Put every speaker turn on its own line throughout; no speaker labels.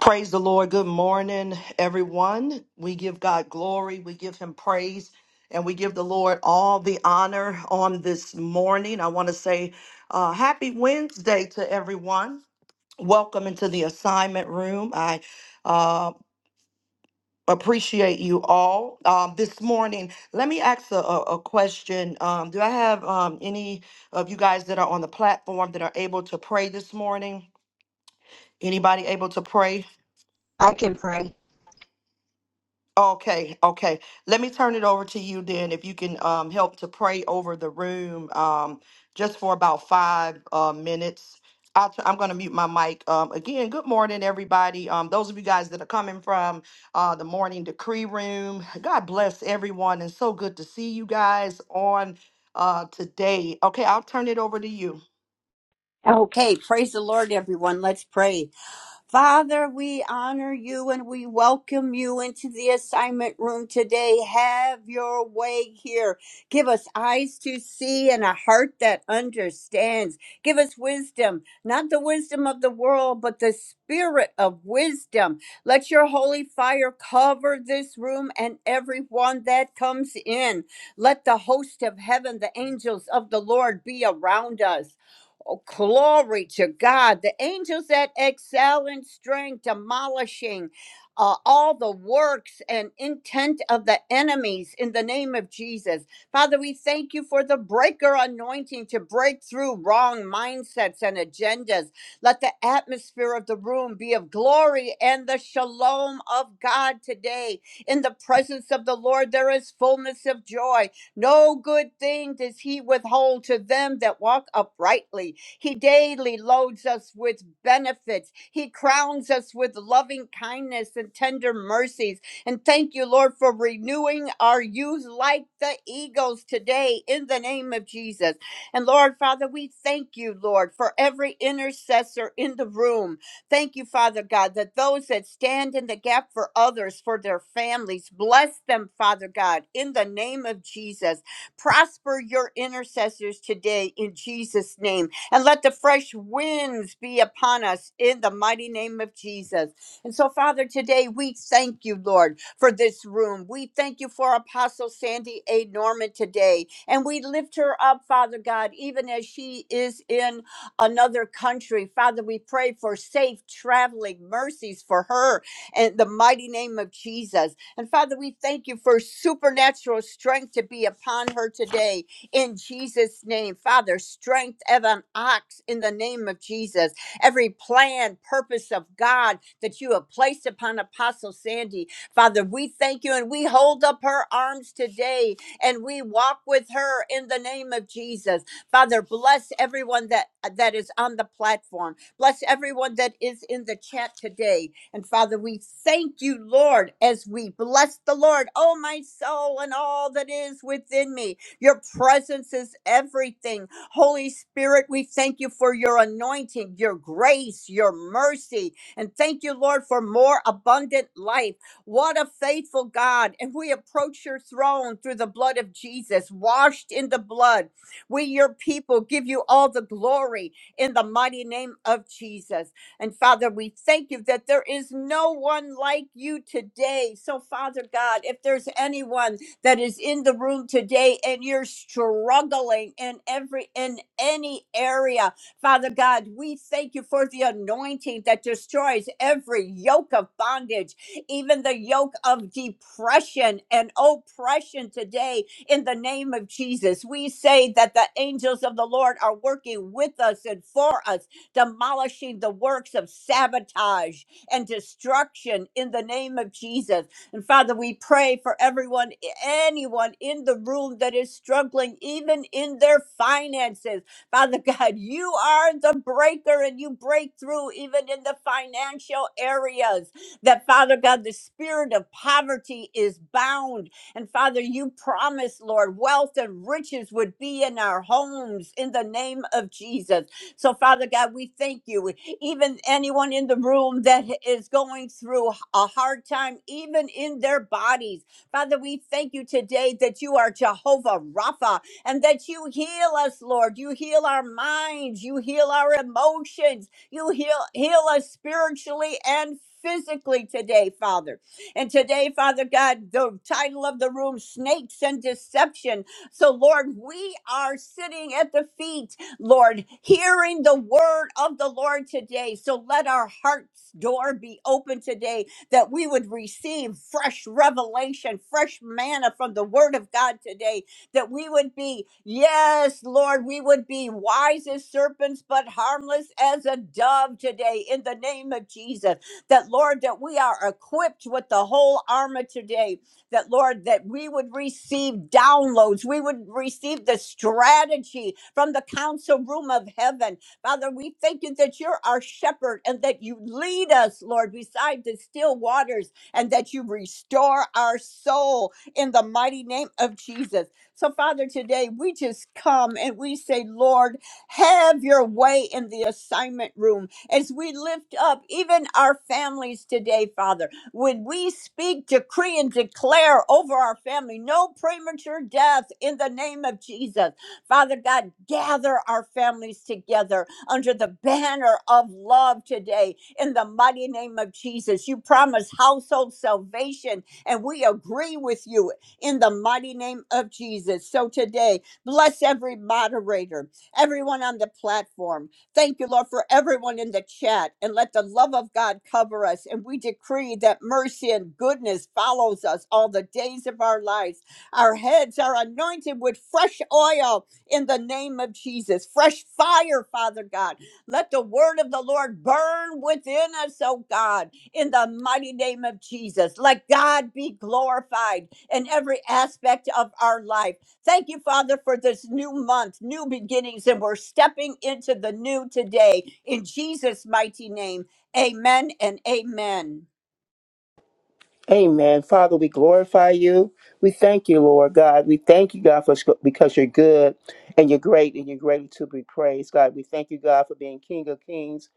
Praise the Lord. Good morning, everyone. We give God glory, we give Him praise, and we give the Lord all the honor on this morning. I want to say uh, happy Wednesday to everyone. Welcome into the assignment room. I uh, appreciate you all. Um, this morning, let me ask a, a, a question. Um, do I have um, any of you guys that are on the platform that are able to pray this morning? Anybody able to pray?
I can pray.
Okay, okay. Let me turn it over to you then, if you can um, help to pray over the room um, just for about five uh, minutes. i t- I'm going to mute my mic. Um, again, good morning, everybody. Um, those of you guys that are coming from uh, the morning decree room, God bless everyone. And so good to see you guys on uh, today. Okay, I'll turn it over to you.
Okay, praise the Lord, everyone. Let's pray. Father, we honor you and we welcome you into the assignment room today. Have your way here. Give us eyes to see and a heart that understands. Give us wisdom, not the wisdom of the world, but the spirit of wisdom. Let your holy fire cover this room and everyone that comes in. Let the host of heaven, the angels of the Lord, be around us. Oh, glory to God. The angels that excel in strength, demolishing uh, all the works and intent of the enemies in the name of Jesus. Father, we thank you for the breaker anointing to break through wrong mindsets and agendas. Let the atmosphere of the room be of glory and the shalom of God today. In the presence of the Lord, there is fullness of joy. No good thing does he withhold to them that walk uprightly. He daily loads us with benefits. He crowns us with loving kindness and tender mercies. And thank you, Lord, for renewing our youth like the eagles today in the name of Jesus. And Lord, Father, we thank you, Lord, for every intercessor in the room. Thank you, Father God, that those that stand in the gap for others, for their families, bless them, Father God, in the name of Jesus. Prosper your intercessors today in Jesus' name and let the fresh winds be upon us in the mighty name of Jesus. And so, Father, today we thank you, Lord, for this room. We thank you for Apostle Sandy A. Norman today. And we lift her up, Father God, even as she is in another country. Father, we pray for safe traveling mercies for her in the mighty name of Jesus. And Father, we thank you for supernatural strength to be upon her today in Jesus' name. Father, strength of an ox in the name of Jesus. Every plan, purpose of God that you have placed upon Apostle Sandy. Father, we thank you and we hold up her arms today and we walk with her in the name of Jesus. Father, bless everyone that, that is on the platform. Bless everyone that is in the chat today. And Father, we thank you, Lord, as we bless the Lord, oh my soul, and all that is within me your presence is everything. Holy Spirit, we thank you for your anointing, your grace, your mercy. And thank you, Lord, for more abundant life. What a faithful God. And we approach your throne through the blood of Jesus, washed in the blood. We, your people, give you all the glory in the mighty name of Jesus. And Father, we thank you that there is no one like you today. So, Father God, if there's anyone, that is in the room today and you're struggling in every in any area father god we thank you for the anointing that destroys every yoke of bondage even the yoke of depression and oppression today in the name of jesus we say that the angels of the lord are working with us and for us demolishing the works of sabotage and destruction in the name of jesus and Father, we pray for everyone anyone in the room that is struggling, even in their finances. Father God, you are the breaker and you break through even in the financial areas. That, Father God, the spirit of poverty is bound. And Father, you promised, Lord, wealth and riches would be in our homes in the name of Jesus. So, Father God, we thank you. Even anyone in the room that is going through a hard time, even in their bodies. Father, we thank you today that you are Jehovah Rapha and that you heal us, Lord. You heal our minds, you heal our emotions, you heal heal us spiritually and physically today, Father. And today, Father God, the title of the room, Snakes and Deception. So, Lord, we are sitting at the feet, Lord, hearing the word of the Lord today. So let our heart's door be open today that we would receive fresh revelation, fresh manna from the Word of God today, that we would be, yes, Lord, we would be wise as serpents, but harmless as a dove today in the name of Jesus. That, Lord, that we are equipped with the whole armor today, that, Lord, that we would receive downloads, we would receive the strategy from the council room of heaven Father, we thank you that you're our shepherd and that you lead us, Lord, beside the still waters and that you restore our soul in the mighty name of Jesus. So, Father, today we just come and we say, Lord, have your way in the assignment room as we lift up even our families today, Father. When we speak, decree, and declare over our family, no premature death in the name of Jesus. Father God, gather our families together under the banner of love today in the mighty name of Jesus. You promise household salvation, and we agree with you in the mighty name of Jesus. So today, bless every moderator, everyone on the platform. Thank you, Lord, for everyone in the chat, and let the love of God cover us. And we decree that mercy and goodness follows us all the days of our lives. Our heads are anointed with fresh oil in the name of Jesus. Fresh fire, Father God. Let the word of the Lord burn within us, oh God, in the mighty name of Jesus. Let God be glorified in every aspect of our life. Thank you, Father, for this new month, new beginnings, and we're stepping into the new today in Jesus' mighty name. Amen and amen.
Amen. Father, we glorify you. We thank you, Lord God. We thank you, God, for because you're good and you're great and you're greatly to be praised. God, we thank you, God, for being King of Kings,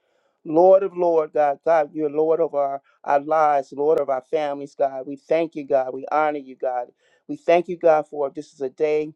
Lord of Lord, God. God, you're Lord of our, our lives, Lord of our families, God. We thank you, God. We honor you, God. We thank you, God, for this is a day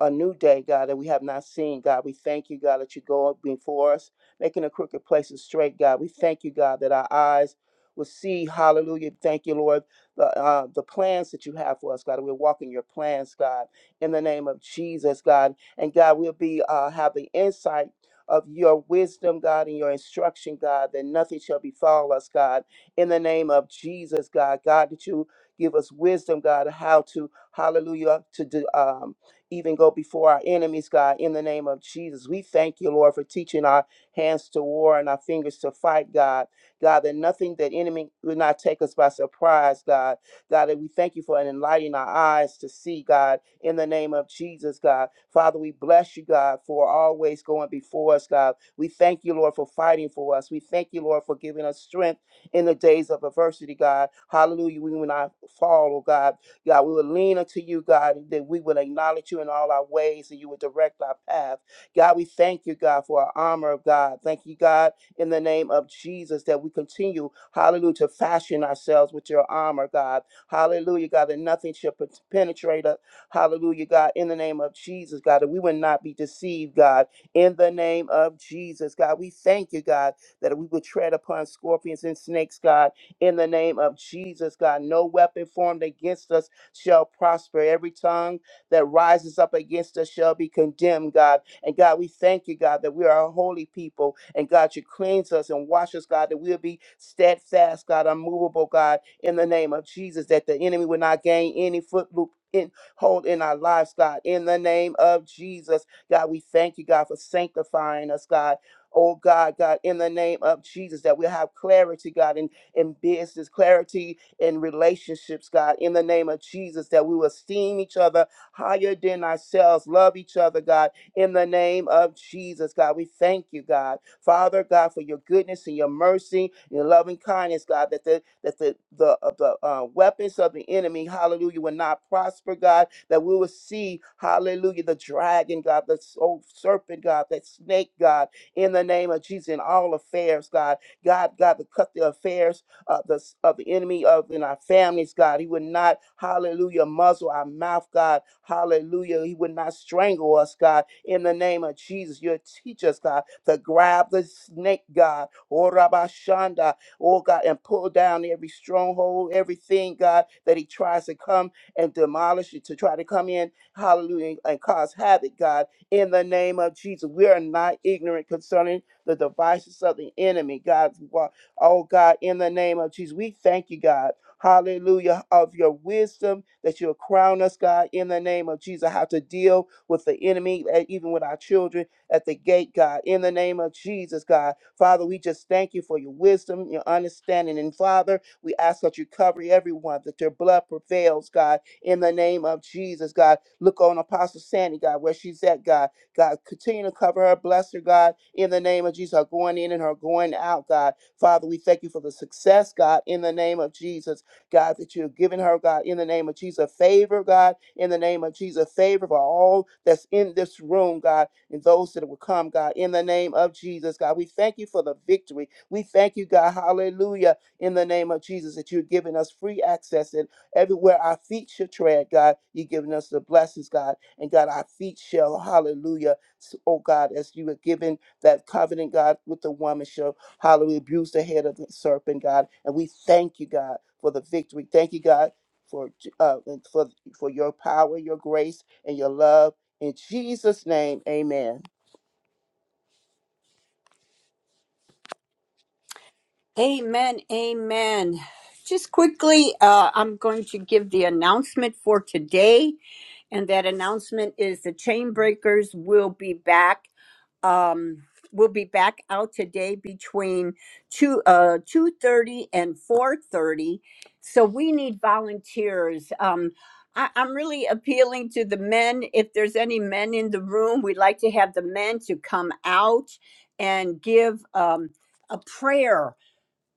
a new day, God, that we have not seen, God. We thank you, God, that you go up before us, making the crooked places straight, God. We thank you, God, that our eyes will see. Hallelujah. Thank you, Lord, the, uh, the plans that you have for us, God. We're walking your plans, God, in the name of Jesus, God. And God, we'll be uh, have the insight of your wisdom, God, and your instruction, God, that nothing shall befall us, God, in the name of Jesus, God. God, that you give us wisdom, God, how to, hallelujah, to do. Um, even go before our enemies, God, in the name of Jesus. We thank you, Lord, for teaching our hands to war and our fingers to fight, God. God, that nothing that enemy will not take us by surprise, God. God, that we thank you for enlightening our eyes to see, God, in the name of Jesus, God. Father, we bless you, God, for always going before us, God. We thank you, Lord, for fighting for us. We thank you, Lord, for giving us strength in the days of adversity, God. Hallelujah. We will not fall, oh God. God, we would lean unto you, God, that we would acknowledge you in all our ways and you would direct our path. God, we thank you, God, for our armor of God. Thank you, God, in the name of Jesus, that we continue, hallelujah, to fashion ourselves with your armor, God. Hallelujah, God, that nothing should pen- penetrate us. Hallelujah, God, in the name of Jesus, God, that we would not be deceived, God, in the name of Jesus, God. We thank you, God, that we would tread upon scorpions and snakes, God, in the name of Jesus, God. No weapon formed against us shall prosper. Every tongue that rises up against us shall be condemned, God. And God, we thank you, God, that we are a holy people. And God, you cleanse us and wash us, God, that we'll be steadfast, God, unmovable, God, in the name of Jesus, that the enemy will not gain any footloop. In, hold in our lives, God, in the name of Jesus. God, we thank you, God, for sanctifying us, God. Oh, God, God, in the name of Jesus, that we'll have clarity, God, in, in business, clarity in relationships, God, in the name of Jesus, that we will esteem each other higher than ourselves, love each other, God, in the name of Jesus, God. We thank you, God. Father, God, for your goodness and your mercy, your loving kindness, God, that the that the the, uh, the uh, weapons of the enemy, hallelujah, will not prosper, God, that we will see, hallelujah, the dragon, God, the s- old serpent, God, that snake, God, in the name of Jesus, in all affairs, God, God, God, to cut the affairs of the, of the enemy of in our families, God. He would not, hallelujah, muzzle our mouth, God. Hallelujah. He would not strangle us, God. In the name of Jesus, you'll teach us, God, to grab the snake, God. Oh, Rabba Shanda, oh, God, and pull down every stronghold, everything, God, that he tries to come and demolish it, to try to come in, hallelujah, and cause havoc, God. In the name of Jesus, we are not ignorant concerning the devices of the enemy, God. Oh God, in the name of Jesus, we thank you, God. Hallelujah, of your wisdom that you'll crown us, God, in the name of Jesus, how to deal with the enemy, eh, even with our children at the gate, God, in the name of Jesus, God. Father, we just thank you for your wisdom, your understanding. And Father, we ask that you cover everyone, that your blood prevails, God, in the name of Jesus, God. Look on Apostle Sandy, God, where she's at, God. God, continue to cover her, bless her, God, in the name of Jesus, her going in and her going out, God. Father, we thank you for the success, God, in the name of Jesus, God, that you have given her, God, in the name of Jesus. Favor, God, in the name of Jesus. Favor for all that's in this room, God, and those that will come, God, in the name of Jesus, God. We thank you for the victory. We thank you, God, hallelujah, in the name of Jesus, that you're giving us free access. Everywhere our feet shall tread, God, you've given us the blessings, God. And God, our feet shall, hallelujah, s- oh God, as you have given that covenant, God, with the woman shall, hallelujah, abuse the head of the serpent, God. And we thank you, God, for the victory. Thank you, God, for uh, and for for your power, your grace, and your love. In Jesus' name, amen.
Amen. Amen. Just quickly, uh, I'm going to give the announcement for today. And that announcement is the chain breakers will be back. Um, will be back out today between two uh two thirty and four thirty. So we need volunteers. Um, I, I'm really appealing to the men. If there's any men in the room, we'd like to have the men to come out and give um, a prayer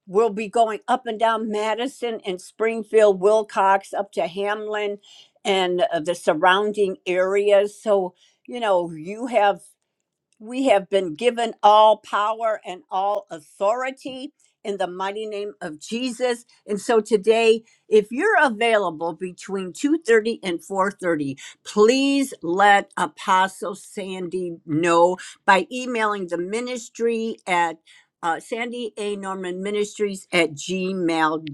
We'll be going up and down Madison and Springfield, Wilcox, up to Hamlin and uh, the surrounding areas. So, you know, you have we have been given all power and all authority in the mighty name of Jesus. And so today, if you're available between 2:30 and 4:30, please let Apostle Sandy know by emailing the ministry at uh, Sandy A. Norman Ministries at gmail.com.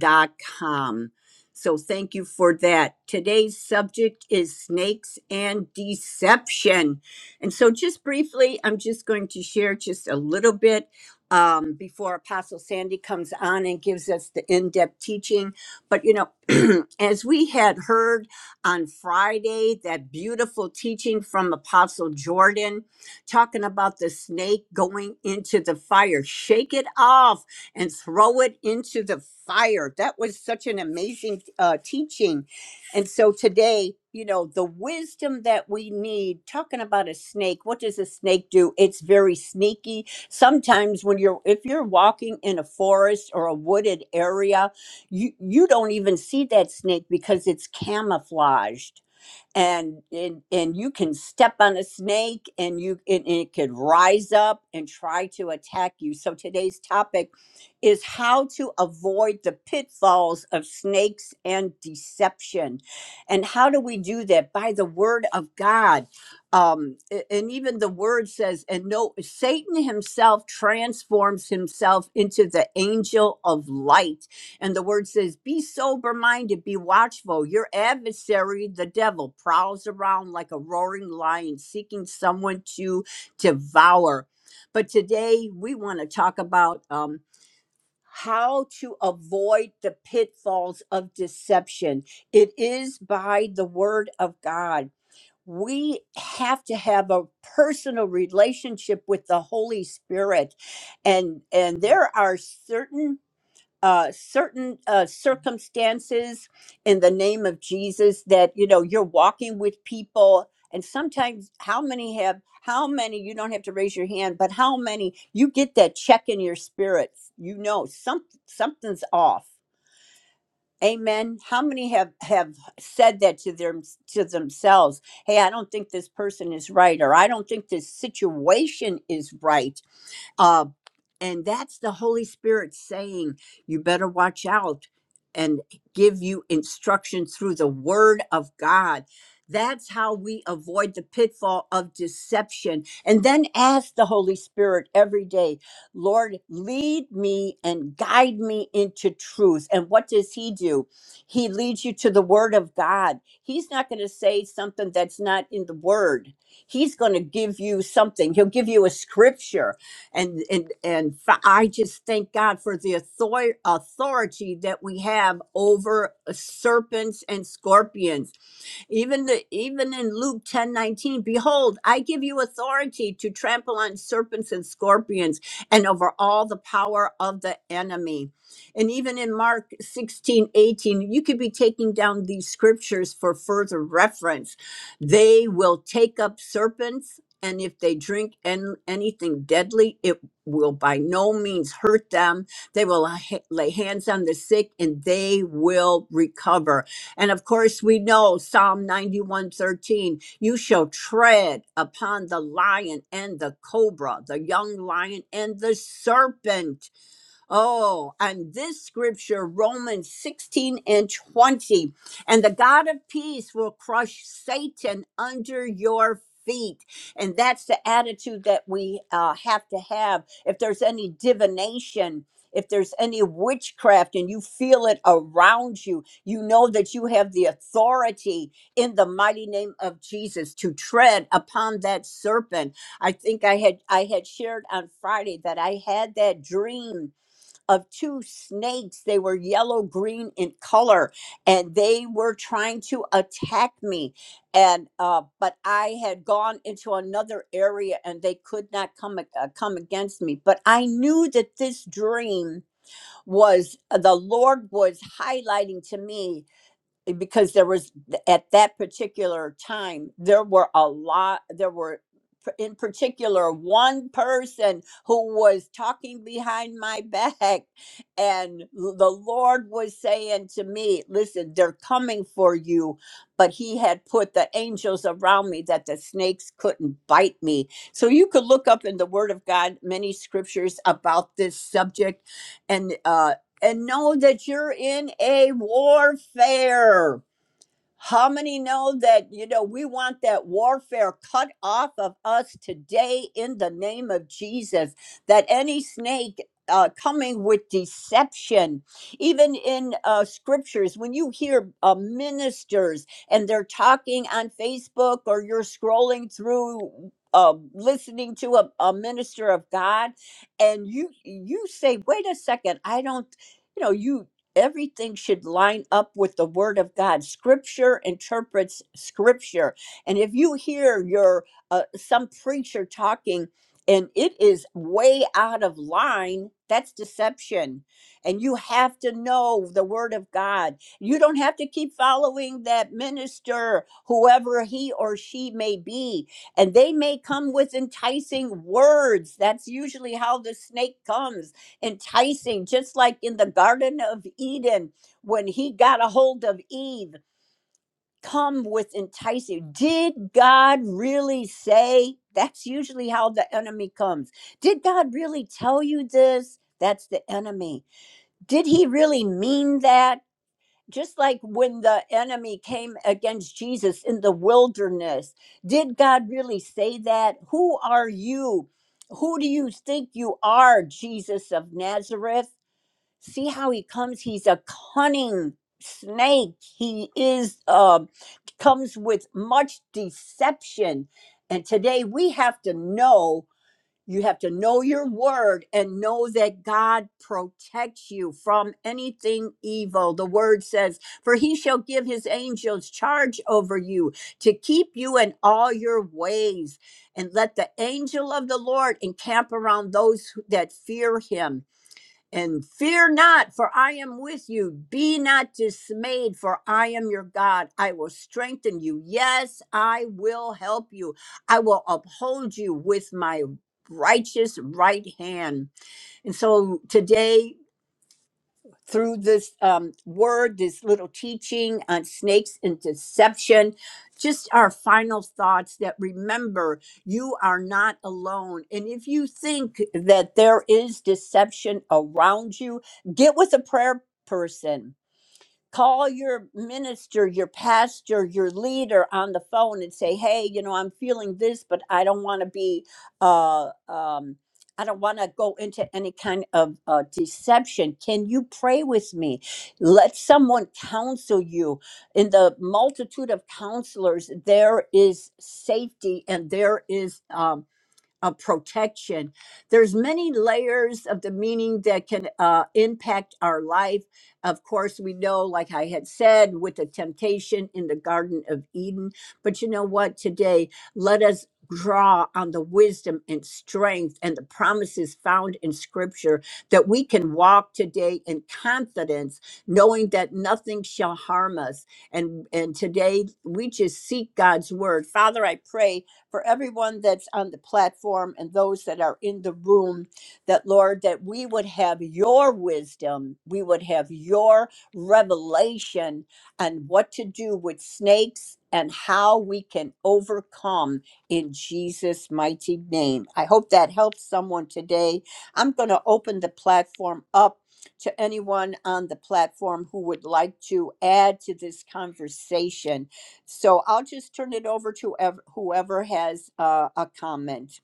So thank you for that. Today's subject is snakes and deception. And so, just briefly, I'm just going to share just a little bit um, before Apostle Sandy comes on and gives us the in depth teaching. But, you know, as we had heard on Friday, that beautiful teaching from Apostle Jordan talking about the snake going into the fire, shake it off and throw it into the fire. That was such an amazing uh, teaching and so today, you know, the wisdom that we need, talking about a snake, what does a snake do? It's very sneaky. Sometimes when you're if you're walking in a forest or a wooded area, you you don't even see that snake because it's camouflaged and and, and you can step on a snake and you and it could rise up and try to attack you so today's topic is how to avoid the pitfalls of snakes and deception and how do we do that by the word of god um a- and even the word says and no satan himself transforms himself into the angel of light and the word says, Be sober minded, be watchful. Your adversary, the devil, prowls around like a roaring lion, seeking someone to devour. But today we want to talk about um, how to avoid the pitfalls of deception. It is by the word of God. We have to have a personal relationship with the Holy Spirit. And, and there are certain uh, certain uh, circumstances in the name of Jesus that you know you're walking with people and sometimes how many have how many you don't have to raise your hand but how many you get that check in your spirit you know some something's off amen how many have have said that to them to themselves hey i don't think this person is right or i don't think this situation is right um, and that's the Holy Spirit saying, you better watch out and give you instruction through the word of God. That's how we avoid the pitfall of deception. And then ask the Holy Spirit every day, Lord, lead me and guide me into truth. And what does He do? He leads you to the Word of God. He's not going to say something that's not in the Word, He's going to give you something. He'll give you a scripture and and and f- I just thank God for the author- authority that we have over uh, serpents and scorpions even the even in Luke 10 19, behold, I give you authority to trample on serpents and scorpions and over all the power of the enemy. And even in Mark 16 18, you could be taking down these scriptures for further reference. They will take up serpents, and if they drink an anything deadly, it will by no means hurt them. They will ha- lay hands on the sick and they will recover and of course, we know Psalm 91:13, you shall tread upon the lion and the cobra, the young lion and the serpent. Oh, on this scripture, Romans 16 and 20. And the God of peace will crush Satan under your feet. And that's the attitude that we uh, have to have. If there's any divination, if there's any witchcraft and you feel it around you, you know that you have the authority in the mighty name of Jesus to tread upon that serpent. I think I had I had shared on Friday that I had that dream of two snakes. They were yellow green in color, and they were trying to attack me. And uh, but I had gone into another area, and they could not come ag- uh, come against me. But I knew that this dream was uh, the Lord was highlighting to me because there was at that particular time there were a lot there were in particular one person who was talking behind my back and the lord was saying to me listen they're coming for you but he had put the angels around me that the snakes couldn't bite me so you could look up in the word of god many scriptures about this subject and uh and know that you're in a warfare. How many know that, you know, we want that warfare cut off of us today in the name of Jesus? That any snake uh, coming with deception, even in uh, scriptures, when you hear uh, ministers and they're talking on Facebook or you're scrolling through. Uh, listening to a, a minister of God, and you you say, "Wait a second, I don't," you know, you everything should line up with the word of god scripture interprets scripture and if you hear your uh, some preacher talking and it is way out of line that's deception and you have to know the word of god you don't have to keep following that minister whoever he or she may be and they may come with enticing words that's usually how the snake comes enticing, just like in the Garden of Eden when he got a hold of Eve. Come with enticing. Did God really say? That's usually how the enemy comes. Did God really tell you this? That's the enemy. Did he really mean that? Just like when the enemy came against Jesus in the wilderness, did God really say that? Who are you? Who do you think you are, Jesus of Nazareth? see how he comes he's a cunning snake he is uh, comes with much deception and today we have to know you have to know your word and know that god protects you from anything evil the word says for he shall give his angels charge over you to keep you in all your ways and let the angel of the lord encamp around those who- that fear him and fear not, for I am with you. Be not dismayed, for I am your God. I will strengthen you. Yes, I will help you. I will uphold you with my righteous right hand. And so today, through this um, word, this little teaching on snakes and deception. Just our final thoughts that remember you are not alone. And if you think that there is deception around you, get with a prayer person call your minister, your pastor, your leader on the phone and say, "Hey, you know, I'm feeling this, but I don't want to be, uh, um, I don't want to go into any kind of uh, deception. Can you pray with me? Let someone counsel you. In the multitude of counselors, there is safety and there is." Um, of protection there's many layers of the meaning that can uh, impact our life of course we know like i had said with the temptation in the garden of eden but you know what today let us draw on the wisdom and strength and the promises found in scripture that we can walk today in confidence knowing that nothing shall harm us and and today we just seek god's word father i pray for everyone that's on the platform and those that are in the room, that Lord, that we would have your wisdom, we would have your revelation on what to do with snakes and how we can overcome in Jesus' mighty name. I hope that helps someone today. I'm going to open the platform up to anyone on the platform who would like to add to this conversation so I'll just turn it over to ev- whoever has uh, a comment.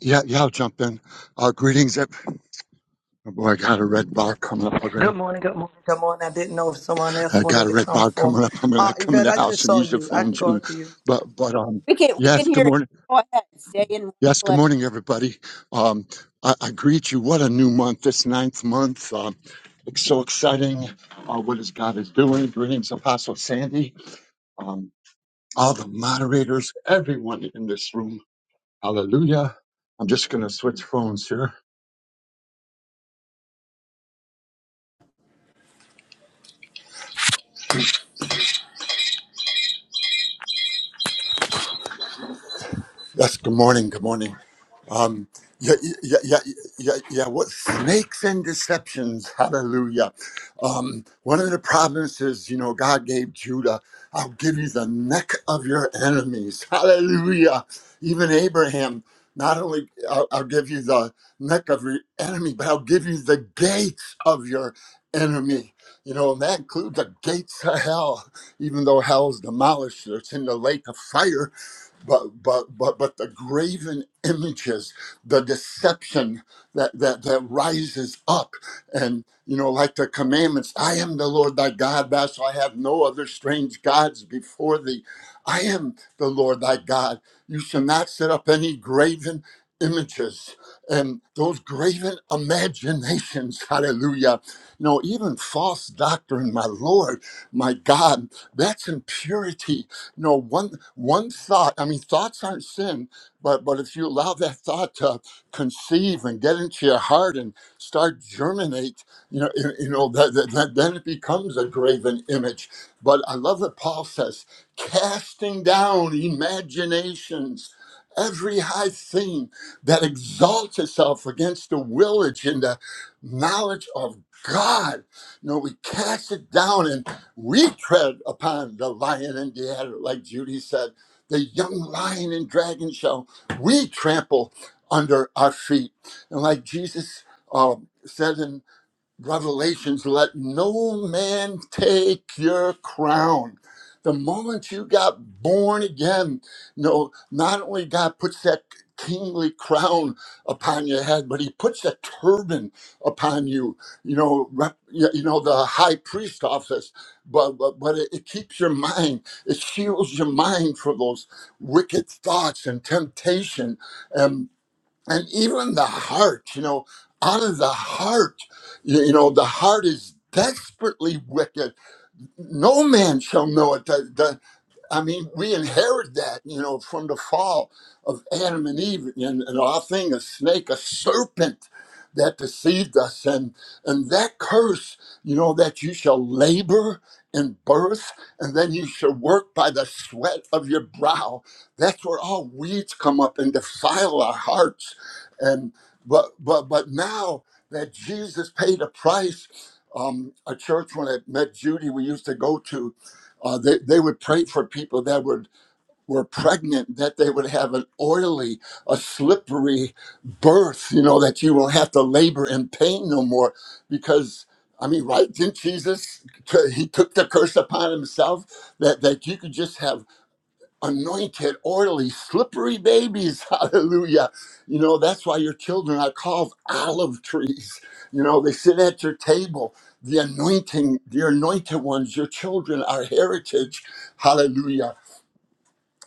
Yeah, yeah, I'll jump in. Uh, greetings. ev- Oh boy, I got a red bar coming up already.
Good morning, good morning, good morning. I didn't know if someone else
I
wanted
got a
to
red
come
bar
forth.
coming up. I'm going
Uh,
to come in
Yvette,
the
I just
house and
saw
use your
you. I
phone,
can go
too.
after you.
But, but, um,
We can we can
yes, good
hear you.
morning.
Go ahead, stay in one
Yes, good
place.
morning, everybody. Um, I, I greet you. What a new month, this ninth month. Um, it's so exciting. Uh, what is God is doing. Greetings, Apostle Sandy. Um, all the moderators, everyone in this room. Hallelujah. I'm just going to switch phones here.
Yes, good morning. Good morning. Um, yeah, yeah, yeah, yeah, yeah. What snakes and deceptions? Hallelujah. Um, one of the promises, you know, God gave Judah, I'll give you the neck of your enemies. Hallelujah. Even Abraham, not only I'll, I'll give you the neck of your enemy, but I'll give you the gates of your enemy. You know, and that includes the gates of hell, even though hell's demolished, it's in the lake of fire but but but but the graven images the deception that that that rises up and you know like the commandments i am the lord thy god thou shalt have no other strange gods before thee i am the lord thy god you shall not set up any graven images and those graven imaginations hallelujah you know even false doctrine my lord my god that's impurity no one one thought i mean thoughts aren't sin but but if you allow that thought to conceive and get into your heart and start germinate you know you, you know that, that, that then it becomes a graven image but i love what paul says casting down imaginations every high thing that exalts itself against the willage and the knowledge of god you know we cast it down we tread upon the lion and the adder, like Judy said, the young lion and dragon shall we trample under our feet. And like Jesus um, said in Revelations, let no man take your crown. The moment you got born again, no, not only God puts that kingly crown upon your head, but He puts a turban upon you. You know, rep, you you know the high priest office, but but, but it, it keeps your mind, it shields your mind from those wicked thoughts and temptation, and even the heart you know out of the heart you, you know the heart is desperately wicked no man shall know it I mean, we inherit that, you know, from the fall of Adam and Eve, and, and our thing, a snake, a serpent that deceived us, and and that curse, you know, that you shall labor in birth, and then you shall work by the sweat of your brow. That's where all weeds come up and defile our hearts, and but but but now that Jesus paid a price. Um, a church when I met Judy, we used to go to uh, they, they would pray for people that would, were pregnant, that they would have an oily, a slippery birth, you know, that you won't have to labor in pain no more. Because, I mean, right? Didn't Jesus, he took the curse upon himself that, that you could just have anointed, oily, slippery babies. Hallelujah. You know, that's why your children are called olive trees. You know, they sit at your table. The anointing, the anointed ones, your children are heritage. Hallelujah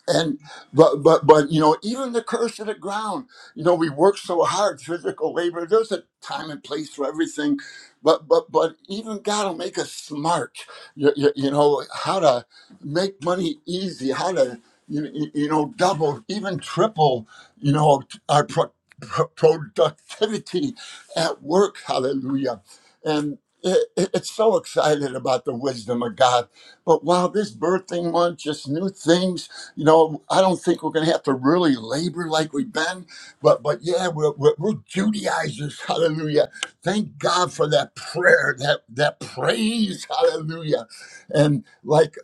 and but but but you know even the curse of the ground you know we work so hard physical labor there's a time and place for everything but but but even god will make us smart you, you, you know how to make money easy how to you, you you know double even triple you know our pro- pro- productivity at work hallelujah and it, it- it's so excited about the wisdom of god but wow this birthing month just new things you know, I don't think we're going to have to really labor like we've been, but but yeah, we're, we're, we're Judaizers. Hallelujah. Thank God for that prayer, that, that praise. Hallelujah. And like,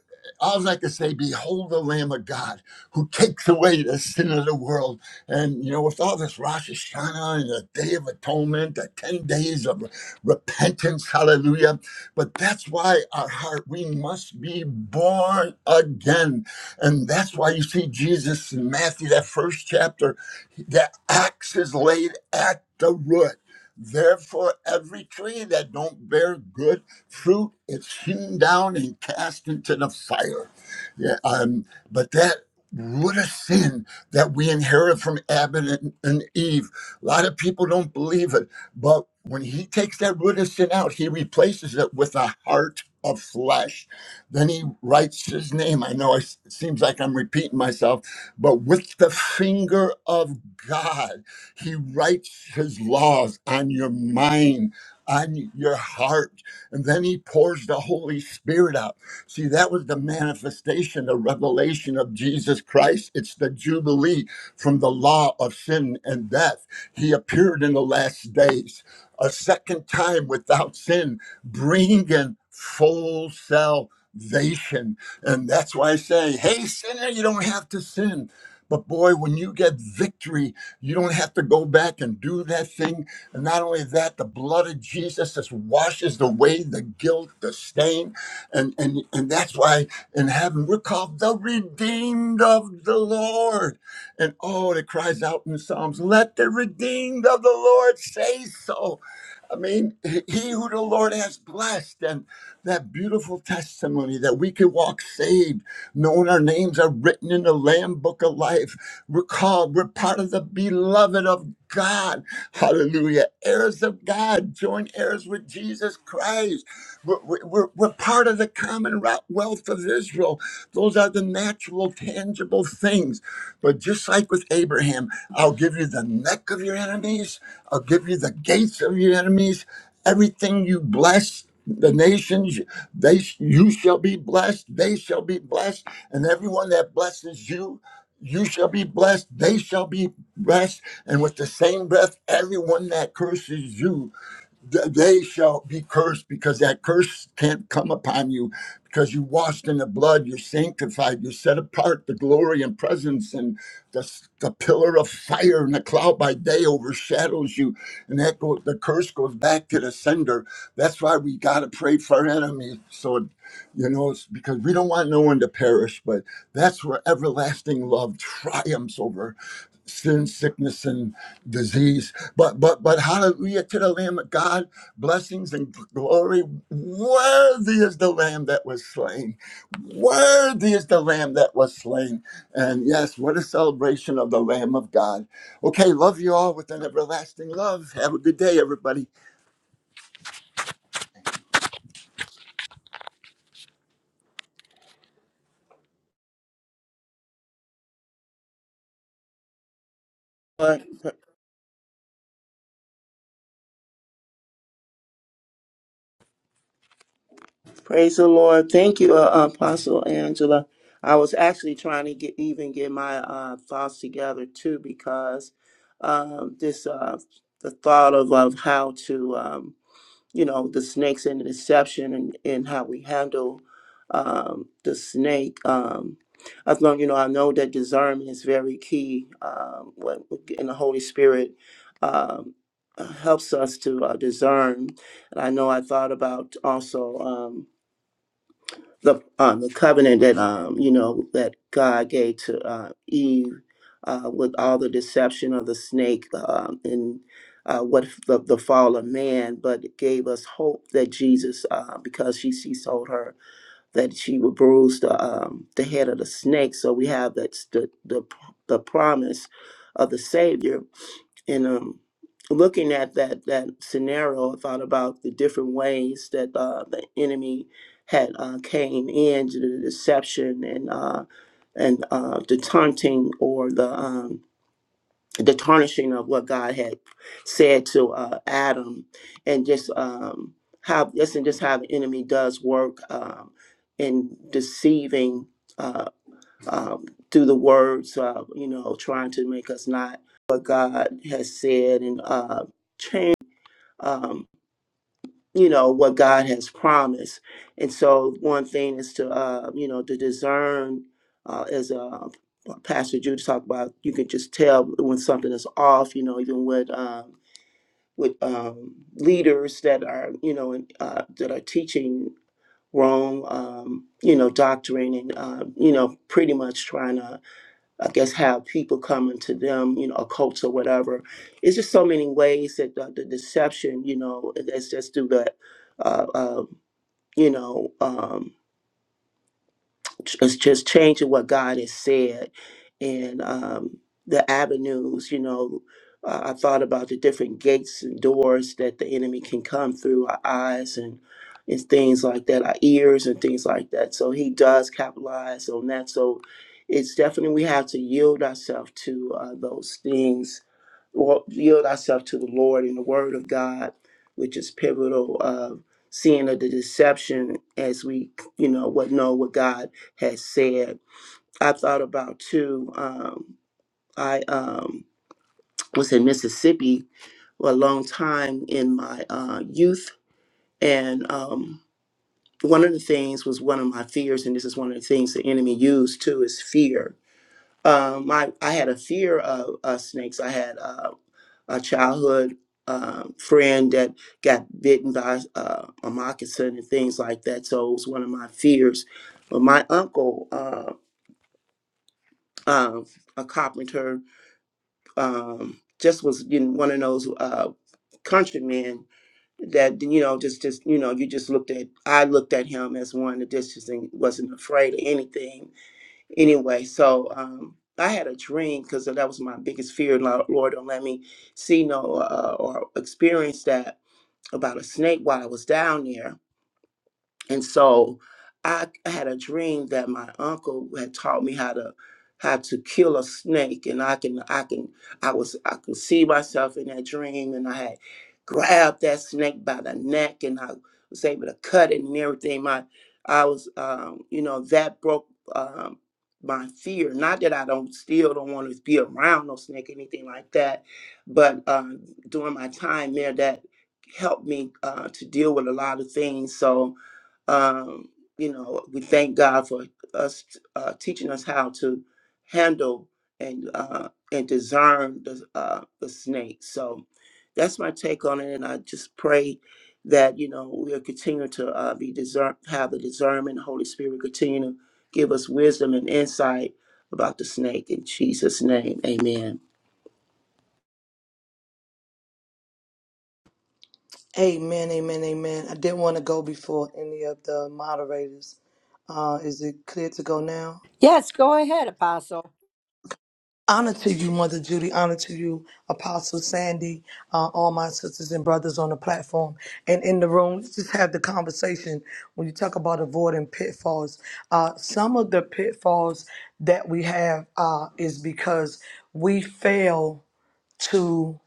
all I can say, behold the Lamb of God who takes away the sin of the world. And, you know, with all this Rosh Hashanah and the Day of Atonement, the 10 days of repentance, hallelujah. But that's why our heart, we must be born again and that's why you see Jesus in Matthew, that first chapter, the axe is laid at the root. Therefore, every tree that don't bear good fruit is hewn down and cast into the fire. Yeah, um, but that root of sin that we inherit from Adam and, and Eve, a lot of people don't believe it. But when he takes that root of sin out, he replaces it with a heart of flesh then he writes his name. I know it seems like I'm repeating myself, but with the finger of God, he writes his laws on your mind, on your heart. And then he pours the Holy Spirit out. See, that was the manifestation, the revelation of Jesus Christ. It's the Jubilee from the law of sin and death. He appeared in the last days a second time without sin, bringing full self salvation. And that's why I say, hey, sinner, you don't have to sin. But boy, when you get victory, you don't have to go back and do that thing. And not only that, the blood of Jesus just washes away the guilt, the stain. And, and, and that's why in heaven we're called the redeemed of the Lord. And oh, it cries out in the Psalms, let the redeemed of the Lord say so. I mean, he who the Lord has blessed, and that beautiful testimony that we can walk saved, knowing our names are written in the Lamb Book of Life. We're called, we're part of the beloved of God. Hallelujah. Heirs of God, joint heirs with Jesus Christ. We're, we're, we're we're part of the commonwealth of Israel. Those are the natural, tangible things. But just like with Abraham, I'll give you the neck of your enemies, I'll give you the gates of your enemies, everything you bless. The nations, they you shall be blessed. They shall be blessed, and everyone that blesses you, you shall be blessed. They shall be blessed, and with the same breath, everyone that curses you th- they shall be cursed because that curse can't come upon you because you washed in the blood you're sanctified you're set apart the glory and presence and the, s- the pillar of fire and the cloud by day overshadows you and that go, the curse goes back to the sender that's why we got to pray for our enemies so you know it's because we don't want no one to perish but that's where everlasting love triumphs over sin, sickness, and disease. But but but hallelujah to the Lamb of God, blessings and glory. Worthy is the Lamb that was slain. Worthy is the Lamb that was slain. And yes, what a celebration of the Lamb of God. Okay, love you all with an everlasting love. Have a good day, everybody.
Praise the Lord. Thank you, uh, Apostle Angela. I was actually trying to get even get my uh, thoughts together too, because um, this uh, the thought of, of how to um, you know the snakes and the deception and, and how we handle um, the snake. Um, as long you know, I know that discernment is very key. Um, what and the Holy Spirit um, helps us to uh, discern. And I know I thought about also. Um, the uh, the covenant that um you know that God gave to uh, Eve uh, with all the deception of the snake um, and uh, what f- the, the fall of man, but it gave us hope that Jesus, uh, because she she told her that she would bruise the um, the head of the snake, so we have that s- the the, p- the promise of the Savior and um, looking at that that scenario, I thought about the different ways that uh, the enemy had uh, came in the deception and uh, and uh, the taunting or the um, the tarnishing of what God had said to uh, Adam, and just um, how this and just how the enemy does work um, in deceiving. uh, um, through the words, uh, you know, trying to make us not what God has said and uh, change, um, you know, what God has promised. And so, one thing is to, uh, you know, to discern, uh, as uh, Pastor Jude talked about, you can just tell when something is off, you know, even with. Um, with um, leaders that are, you know, in- uh, that are teaching wrong, um, you know, doctrine, and uh, you know, pretty much trying to I guess have people coming to them, you know, a cult or whatever. It's just so many ways that the, the deception, you know, that's just through that, uh, uh, you know, um, it's just changing what God has said and um, the avenues. You know, uh, I thought about the different gates and doors that the enemy can come through our eyes and and things like that, our ears and things like that. So he does capitalize on that. So it's definitely we have to yield ourselves to uh, those things, or yield ourselves to the Lord and the Word of God, which is pivotal of seeing of the deception as we, you know, what know what God has said. I thought about too. Um, I um, was in Mississippi for a long time in my uh, youth, and um, one of the things was one of my fears, and this is one of the things the enemy used too is fear. Um, I I had a fear of uh, snakes. I had uh, a childhood uh, friend that got bitten by uh, a moccasin and things like that. So it was one of my fears. But my uncle. uh, um, a carpenter, um, just was you know, one of those uh, countrymen that you know just just you know you just looked at I looked at him as one that just just ain't- wasn't afraid of anything anyway. So um, I had a dream because that was my biggest fear. Lo- Lord, don't let me see no uh, or experience that about a snake while I was down there and so I had a dream that my uncle had taught me how to how to kill a snake, and I can I can I was I could see myself in that dream, and I had grabbed that snake by the neck, and I was able to cut it and everything. My I was um, you know that broke um, my fear. Not that I don't still don't want to be around no snake or anything like that, but um, during my time there, that helped me uh, to deal with a lot of things. So um, you know, we thank God for us uh, teaching us how to handle and uh, and discern the uh, the snake. So that's my take on it, and I just pray that you know we'll continue to uh, be discern, have the discernment. Holy Spirit will continue to give us wisdom and insight about the snake in Jesus' name. Amen.
Amen, amen, amen. I didn't want to go before any of the moderators. Uh, is it clear to go now?
Yes, go ahead, Apostle.
Honor to you, Mother Judy. Honor to you, Apostle Sandy, uh, all my sisters and brothers on the platform and in the room. Let's just have the conversation when you talk about avoiding pitfalls. Uh, some of the pitfalls that we have uh, is because we fail. to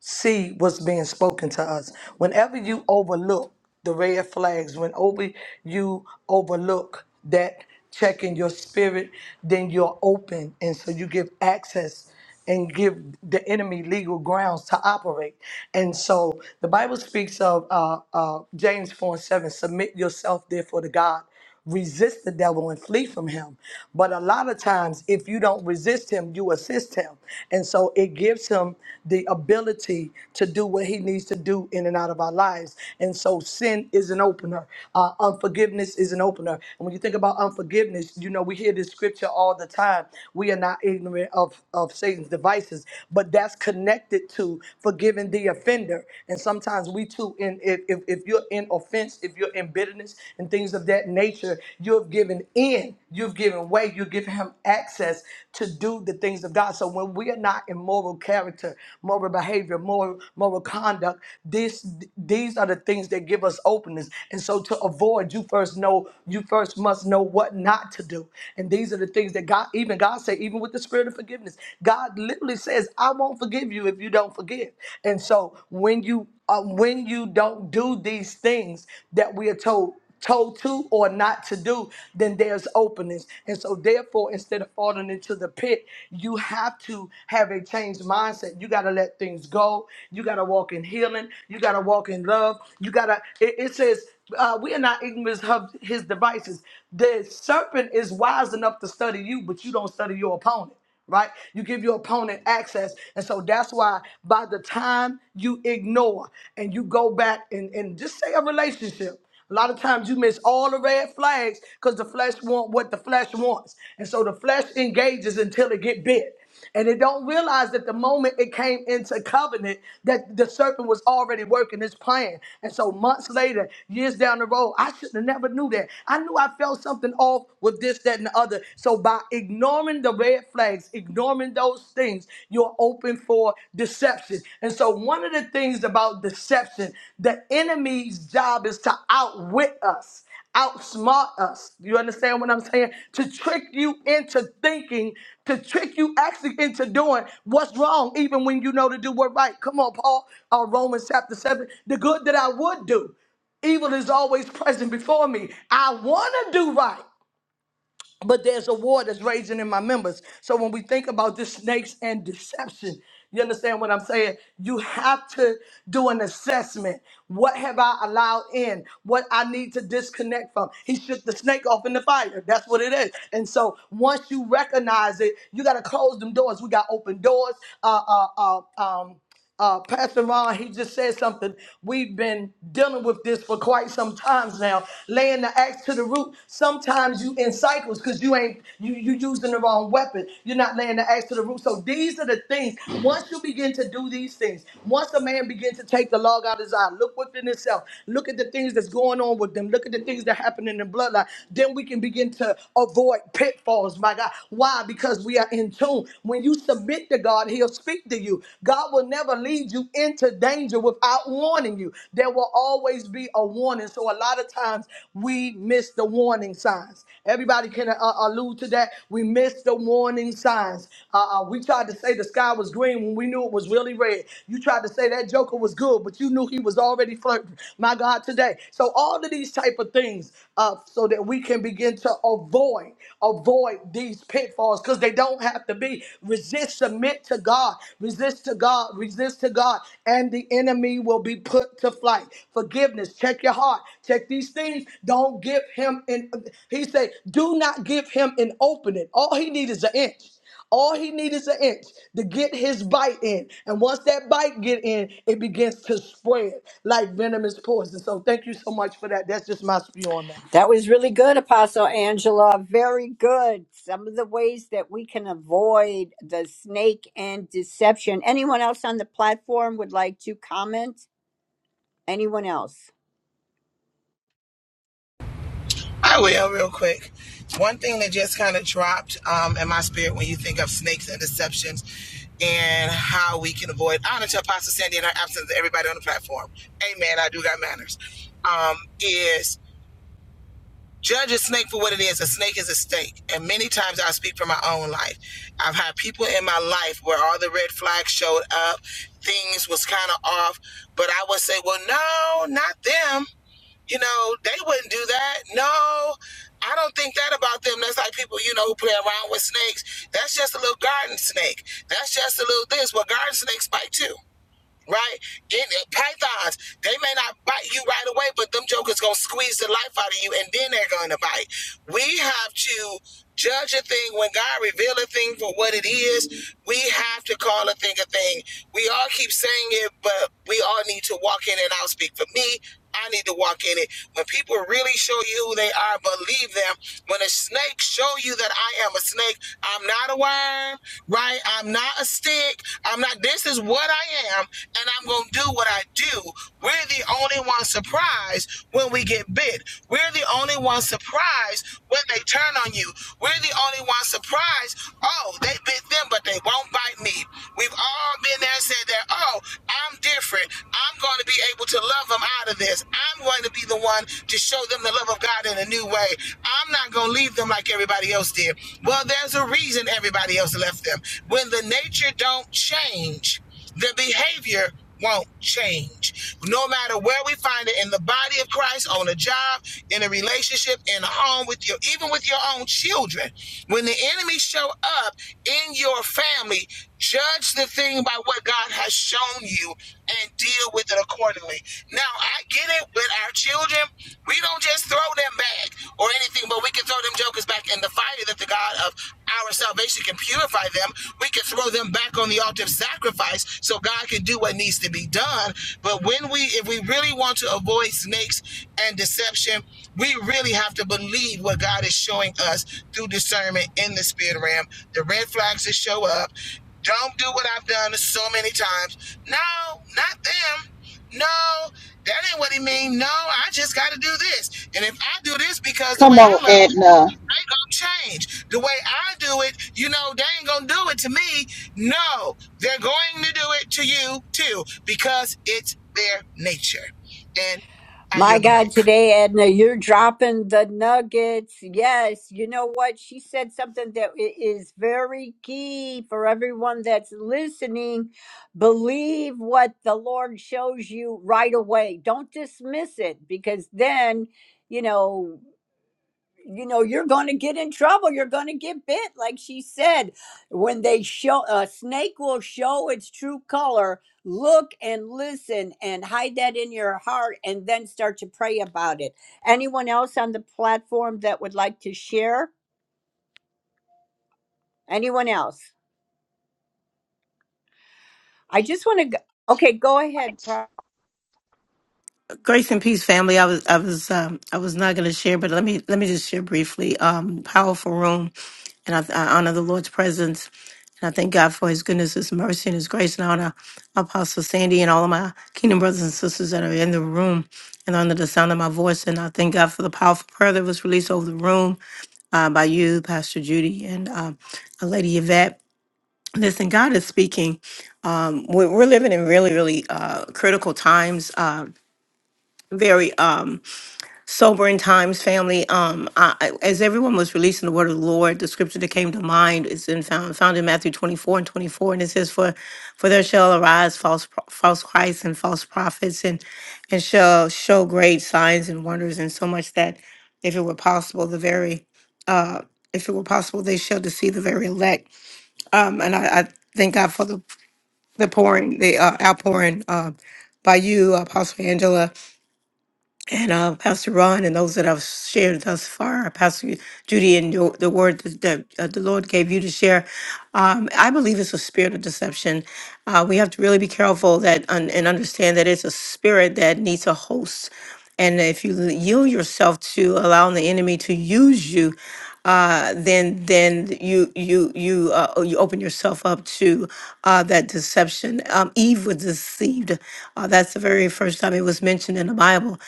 see what's being spoken to us. Whenever you overlook the red flags, whenever you overlook that check in your spirit, then you're open. And so you give access and give the enemy legal grounds to operate. And so the Bible speaks of uh, uh, James 4 and 7 submit yourself therefore to God resist the devil and flee from him. But a lot of times, if you don't resist him, you assist him. And so it gives him the ability to do what he needs to do in and out of our lives. And so sin is an opener, uh, unforgiveness is an opener. And when you think about unforgiveness, you know, we hear this scripture all the time. We are not ignorant of, of Satan's devices, but that's connected to forgiving the offender. And sometimes we too, in, if, if, if you're in in offense, if you're in bitterness and things of that nature, you have given in, you've given way, you've given him access to do the things of God. So when we are not in moral character, moral behavior, moral moral conduct, this these are the things that give us openness. And so to avoid, you first know, you first must know what not to do. And these are the things that God, even God say, even with the spirit of forgiveness, God literally says, I won't forgive you if you don't forgive. And so when you uh, when you don't do these things that we are told told to or not to do then there's openings and so therefore instead of falling into the pit you have to have a changed mindset you got to let things go you got to walk in healing you got to walk in love you got to it, it says uh, we are not ignorant of his devices the serpent is wise enough to study you but you don't study your opponent right? You give your opponent access. And so that's why by the time you ignore and you go back and, and just say a relationship, a lot of times you miss all the red flags because the flesh want what the flesh wants. And so the flesh engages until it get bit. And they don't realize that the moment it came into covenant, that the serpent was already working his plan. And so months later, years down the road, I should have never knew that. I knew I felt something off with this, that, and the other. So by ignoring the red flags, ignoring those things, you're open for deception. And so one of the things about deception, the enemy's job is to outwit us outsmart us. You understand what I'm saying? To trick you into thinking, to trick you actually into doing what's wrong, even when you know to do what's right. Come on, Paul, uh, Romans chapter 7. The good that I would do, evil is always present before me. I want to do right but there's a war that's raging in my members. So when we think about this snakes and deception, you understand what I'm saying? You have to do an assessment. What have I allowed in? What I need to disconnect from? He shook the snake off in the fire. That's what it is. And so once you recognize it, you got to close them doors. We got open doors. Uh, uh, uh, um, uh, Pastor Ron, he just said something. We've been dealing with this for quite some times now. Laying the axe to the root. Sometimes you in cycles because you ain't you you using the wrong weapon. You're not laying the axe to the root. So these are the things. Once you begin to do these things, once a man begins to take the log out of his eye, look within himself. Look at the things that's going on with them. Look at the things that happen in the bloodline. Then we can begin to avoid pitfalls. My God, why? Because we are in tune. When you when you submit to God, He'll speak to you. God will never lead you into danger without warning you. There will always be a warning. So a lot of times we miss the warning signs. Everybody can uh, uh, allude to that. We miss the warning signs. Uh, uh, we tried to say the sky was green when we knew it was really red. You tried to say that Joker was good, but you knew he was already flirting. My God, today. So all of these type of things, uh, so that we can begin to avoid, avoid avoid these pitfalls because they don't have to be. Resist, submit to God, resist to God, resist to God, and the enemy will be put to flight. Forgiveness, check your heart, check these things. Don't give him an he said, do not give him an opening. All he needs is an inch. All he needs is an inch to get his bite in. And once that bite get in, it begins to spread like venomous poison. So thank you so much for that. That's just my spew on that.
That was really good, Apostle Angela. Very good. Some of the ways that we can avoid the snake and deception. Anyone else on the platform would like to comment? Anyone else?
I will real quick. One thing that just kind of dropped um, in my spirit when you think of snakes and deceptions and how we can avoid honor to Apostle Sandy in her absence everybody on the platform. Amen. I do got manners. Um, is judge a snake for what it is. A snake is a snake. And many times I speak from my own life. I've had people in my life where all the red flags showed up, things was kind of off, but I would say, well, no, not them. You know, they wouldn't do that. No, I don't think that about them. That's like people, you know, who play around with snakes. That's just a little garden snake. That's just a little this. Well, garden snakes bite too, right? In, uh, pythons, they may not bite you right away, but them jokers gonna squeeze the life out of you, and then they're gonna bite. We have to judge a thing when God reveal a thing for what it is. We have to call a thing a thing. We all keep saying it, but we all need to walk in and out. Speak for me. I need to walk in it. When people really show you who they are, believe them. When a snake show you that I am a snake, I'm not a worm, right? I'm not a stick. I'm not. This is what I am, and I'm gonna do what I do. We're the only ones surprised when we get bit. We're the only ones surprised when they turn on you. We're the only ones surprised. Oh, they bit them, but they thing won't bite me. We've all been there and said that, oh, I'm different. I'm going to be able to love them out of this. I'm going to be the one to show them the love of God in a new way. I'm not going to leave them like everybody else did. Well, there's a reason everybody else left them. When the nature don't change, the behavior won't change. No matter where we find it in the body of Christ, on a job, in a relationship, in a home with your even with your own children. When the enemy show up in your family, judge the thing by what God has shown you and deal with it accordingly. Now, I get it with our children, we don't just throw them back or anything, but we can throw them jokers back in the fire that the God of our salvation can purify purify them, we can throw them back on the altar of sacrifice so God can do what needs to be done. But when we, if we really want to avoid snakes and deception, we really have to believe what God is showing us through discernment in the spirit realm. The red flags that show up. Don't do what I've done so many times. No, not them. No, that ain't what he mean. No, I just got to do this. And if I do this because the way
Come on,
I love people,
Edna.
they gonna change the way I do it. You know, they ain't gonna do it to me. No, they're going to do it to you too because it's their nature. And I
My
yield the
God,
mic.
today, Edna, you're dropping the nuggets. Yes, you know what? She said something that i- is very key for everyone that's listening. Believe what the Lord shows you right away. Don't dismiss it because then you know you know you're going to get in trouble you're going to get bit like she said when they show a snake will show its true color look and listen and hide that in your heart and then start to pray about it anyone else on the platform that would like to share anyone else i just want to go okay go ahead Pro-
Grace and peace, family. I was, I was, um, I was not going to share, but let me, let me just share briefly. Um, powerful room, and I, I honor the Lord's presence, and I thank God for His goodness, His mercy, and His grace, and I honor Apostle Sandy and all of my Kingdom brothers and sisters that are in the room and under the sound of my voice, and I thank God for the powerful prayer that was released over the room uh, by you, Pastor Judy, and um, Lady Yvette. Listen, God is speaking. Um, we're, we're living in really, really uh, critical times. Uh, very. Um, sobering times, family. Um, I, I- as everyone was releasing the word of the Lord, the scripture that came to mind is in found found in Matthew twenty four and twenty four, and it says, "For for there shall arise false pro- false Christs and false prophets, and and shall show great signs and wonders, and so much that if it were possible, the very uh, if it were possible, they shall deceive the very elect." Um, and I, I thank God for the the pouring, the uh, outpouring uh, by you, Apostle Angela and uh, Pastor Ron and those that I've shared thus far, Pastor Judy, and your, the word that, that uh, the Lord gave you to share, um, I believe it's a spirit of deception. Uh, we have to really be careful that un- and understand that it's a spirit that needs a host. And if you yield yourself to allowing the enemy to use you, uh, then then you you you uh, oh, you open yourself up to uh, that deception. Um, Eve was deceived. Uh, that's the very first time it was mentioned in the Bible.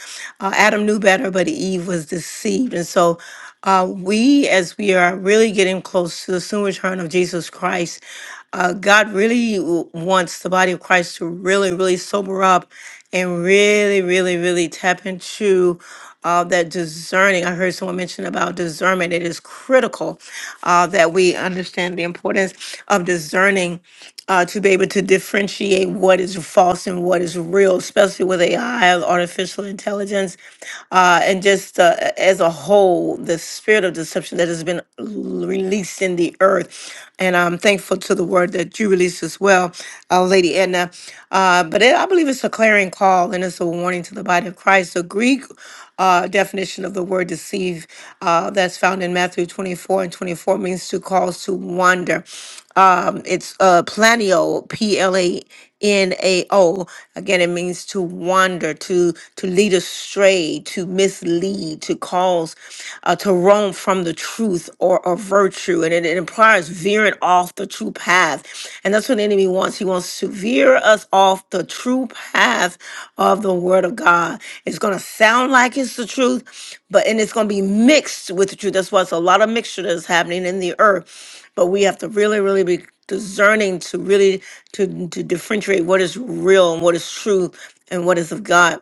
Uh, Adam knew better, but Eve was deceived, and so. Uh, we, as we are really getting close to the soon return of Jesus Christ, uh, God really w- wants the body of Christ to really, really sober up and really, really, really tap into uh, that discerning, I heard someone mention about discernment. It is critical uh, that we understand the importance of discerning uh, to be able to differentiate what is false and what is real, especially with AI, artificial intelligence, uh, and just uh, as a whole, the spirit of deception that has been l- released in the earth. And I'm thankful to the word that you released as well, uh, Lady Edna. Uh, but it, I believe it's a clarion call and it's a warning to the body of Christ. The Greek uh, definition of the word deceive uh, that's found in Matthew 24 and 24 means to cause to wander. Um, it's uh, planio, P L A N A O. Again, it means to wander, to to lead astray, to mislead, to cause, uh, to run grown from the truth or a virtue, and it, it implies veering off the true path. And that's what the enemy wants. He wants to veer us off the true path of the Word of God. It's going to sound like it's the truth, but and it's going to be mixed with the truth. That's why it's a lot of mixture that's happening in the earth. But we have to really, really be discerning to really to to differentiate what is real and what is true and what is of God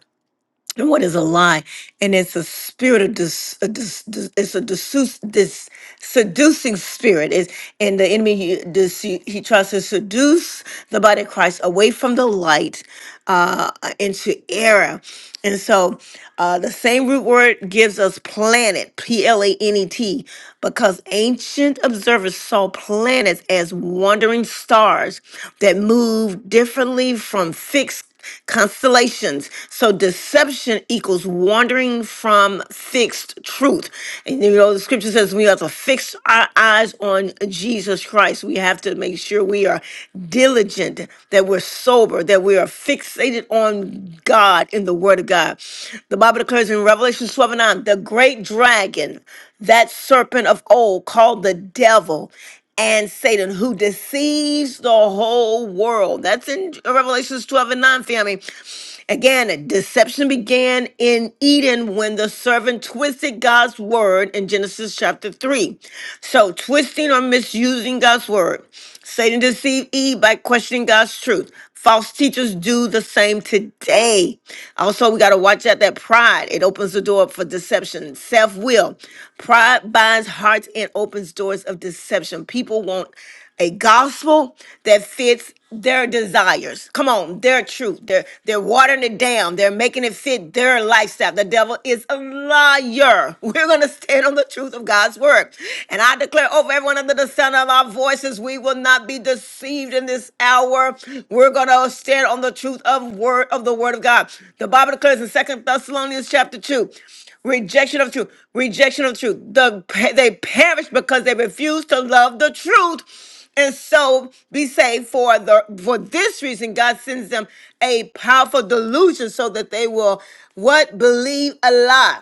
and what is a lie and it's a spirit of dis, a dis, dis- it's a disuse, dis, seducing spirit is and the enemy he, dece- he tries to seduce the body of christ away from the light uh into error and so uh the same root word gives us planet p-l-a-n-e-t because ancient observers saw planets as wandering stars that moved differently from fixed constellations. So deception equals wandering from fixed truth. And you know, the scripture says we have to fix our eyes on Jesus Christ. We have to make sure we are diligent, that we're sober, that we are fixated on God in the Word of God. The Bible declares in Revelation 12 and 9, the great dragon, that serpent of old called the devil and Satan, who deceives the whole world. That's in Revelations 12 and 9, family. Again, deception began in Eden when the servant twisted God's word in Genesis chapter 3. So, twisting or misusing God's word. Satan deceived Eve by questioning God's truth. False teachers do the same today. Also, we got to watch out that pride. It opens the door for deception. Self will. Pride binds hearts and opens doors of deception. People want a gospel that fits their desires. Come on, their truth. They're they're watering it down. They're making it fit their lifestyle. The devil is a liar. We're gonna stand on the truth of God's word. And I declare over everyone going under the sound of our voices. We will not be deceived in this hour. We're going to stand on the truth of word of the word of God. The Bible declares in Second Thessalonians chapter 2, rejection of truth, rejection of truth. The, they perish because they refuse to love the truth and so be saved for the for this reason god sends them a powerful delusion so that they will what believe a lie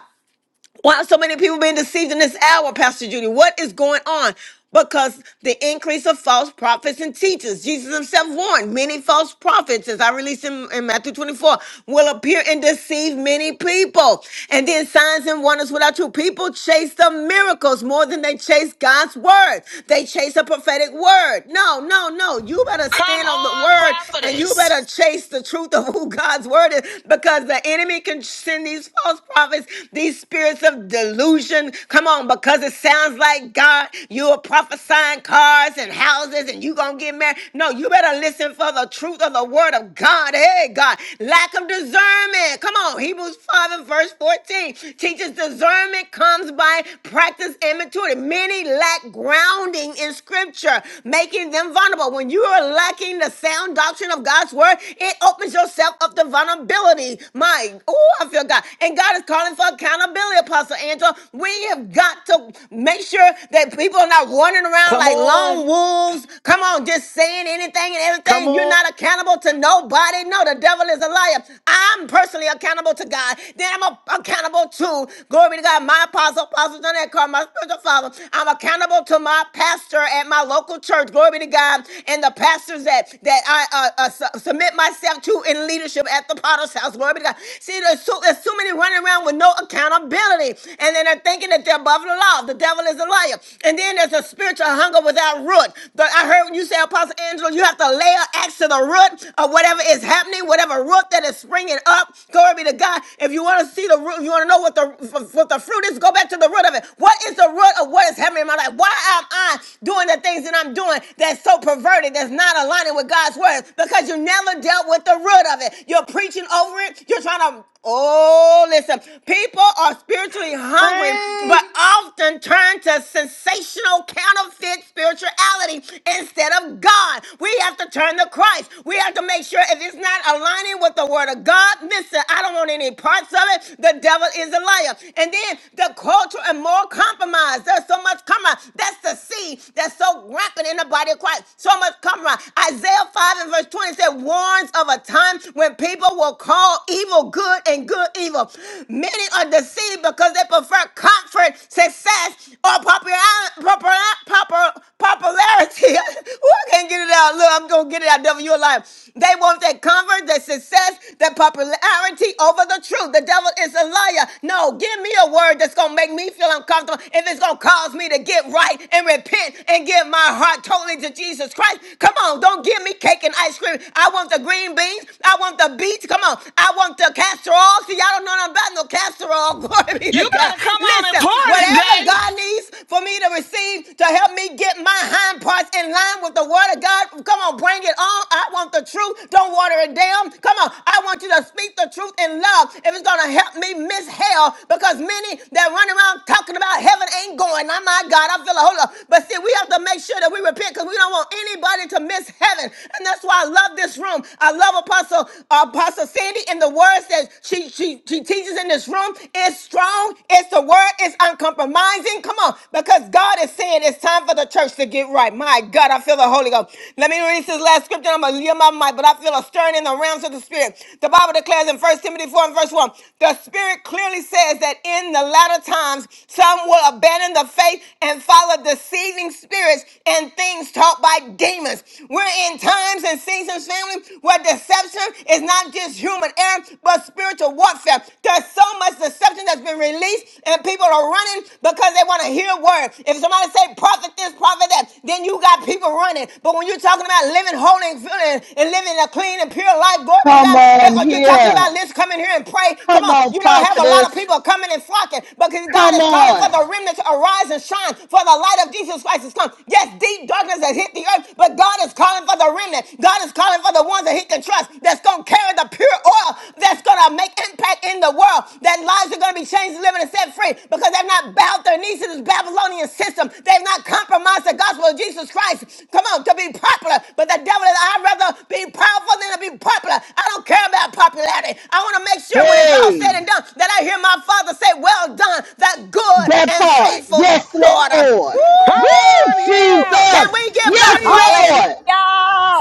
why are so many people being deceived in this hour, Pastor Judy? What is going on? Because the increase of false prophets and teachers. Jesus himself warned many false prophets, as I released in, in Matthew 24, will appear and deceive many people. And then signs and wonders without you. People chase the miracles more than they chase God's word. They chase a prophetic word. No, no, no. You better
Come
stand on the
on,
word and you
prophetess.
better chase the truth of who God's word is because the enemy can send these false prophets these spirits of delusion. Come on, because it sounds like God, you are prophesying cars and houses and you going to get married. No, you better listen for the truth of the word of God. Hey, God, lack of discernment. Come on, Hebrews 5 and verse 14 teaches discernment comes by practice and maturity. Many lack grounding in scripture, making them vulnerable. When you are lacking the sound doctrine of God's word, it opens yourself up to vulnerability. My, oh, I feel God. And God and God is calling for accountability, Apostle Angela. We have got to make sure that people are not running around
Come
like
on.
lone wolves. Come on, just saying anything and
Come
everything. You're
on.
not accountable to nobody. No, the devil is a liar. I'm personally accountable to God. Then I'm a- accountable to, glory be to God, my apostle, Apostle John Eckhart, my spiritual father. I'm accountable to my pastor at my local church. Glory be to God. And the pastors that, that I uh, uh, su- submit myself to in leadership at the potter's house. Glory be to God. See, there's so, there's so many running around with no accountability. And then they're thinking that they're above the law. The devil is a liar. And then there's a spiritual hunger without root. But I heard you say, Apostle Angela, you have to layer axe to the root of whatever is happening, whatever root that is springing up. Glory be to God. If you want to see the root, you want to know what the what the fruit is, go back to the root of it. What is the root of what is happening in my life? Why am I doing the things that I'm doing that's so perverted, that's not aligning with God's word? Because you never dealt with the root of it. You're preaching over it. You're trying to, oh, listen. People are spiritually hungry,
Speak.
but often turn to sensational counterfeit spirituality instead of God. We have to turn to Christ. We have to make sure if it's not aligning with the word of God, listen, I don't want any parts of it. The devil is a liar. And then the culture and moral compromise. There's so much compromise. That's the seed that's so rampant in the body of Christ. So much compromise. Isaiah 5 and verse 20 said, warns of a time when people will God will call evil good and good evil. Many are deceived because they prefer comfort, success, or popular- popular- popular- popularity. Ooh, I can't get it out. Look, I'm going to get it out. Devil, you're alive. They want that comfort, that success, that popularity over the truth. The devil is a liar. No, give me a word that's going to make me feel uncomfortable if it's going to cause me to get right and repent and give my heart totally to Jesus Christ. Come on, don't give me cake and ice cream. I want the green beans. I want the beach. Come on. I want the castor oil. See, y'all don't know nothing about no castor oil. Glory be to
You
God.
better come on and
Listen,
pour
whatever
today.
God needs for me to receive to help me get my hind parts in line with the word of God, come on, bring it on. I want the truth. Don't water it down. Come on. I want you to speak the truth in love. If it's going to help me miss hell, because many that run around talking about heaven ain't going. Oh, my God. I feel a hold up. But see, we have to make sure that we repent because we don't want anybody to miss heaven. And that's why I love this room. I love Apostle Apostle Sandy and the words that she she she teaches in this room is strong. It's the word. It's uncompromising. Come on, because God is saying it's time for the church to get right. My God, I feel the Holy Ghost. Let me read this last scripture. I'm gonna leave my mic, but I feel a stirring in the realms of the spirit. The Bible declares in First Timothy 4 and verse 1, the spirit clearly says that in the latter times some will abandon the faith and follow deceiving spirits and things taught by demons. We're in times and seasons Ephesians family, where deception is not just human error, but spiritual warfare. There's so much deception that's been released, and people are running because they want to hear word. If somebody say prophet this, prophet that, then you got people running. But when you're talking about living holy and feeling and living a clean and pure life, glory be to
Come
God,
on
or you're talking
here.
about let's come in here and pray. Come
Come
on,
on,
you don't have a lot
prophetess.
of people coming and flocking because God
Come
is calling for
on.
the remnant to arise and shine, for the light of Jesus Christ has come. Yes, deep darkness has hit the earth, but God is calling for the remnant. God is calling for the ones that he can trust that's going to carry the pure oil that's going to make impact in the world. That lives are going to be changed, delivered, and set free because they've not bowed their knees to this Babylonian system. They've not compromised the gospel of Jesus Christ. Come on, to be popular. But the devil is, I'd rather be powerful than to be popular. I don't care about popularity. I want to make sure when it's all
Hey,
said and done that I hear my father say, Well done, that good
that
and
part.
faithful
Yes,
daughter.
Lord.
Come
Woo,
on
Woo!
here.
Can
Jesus.
we give God
Yes,
Preach.
praise?
hallelujah
Lord.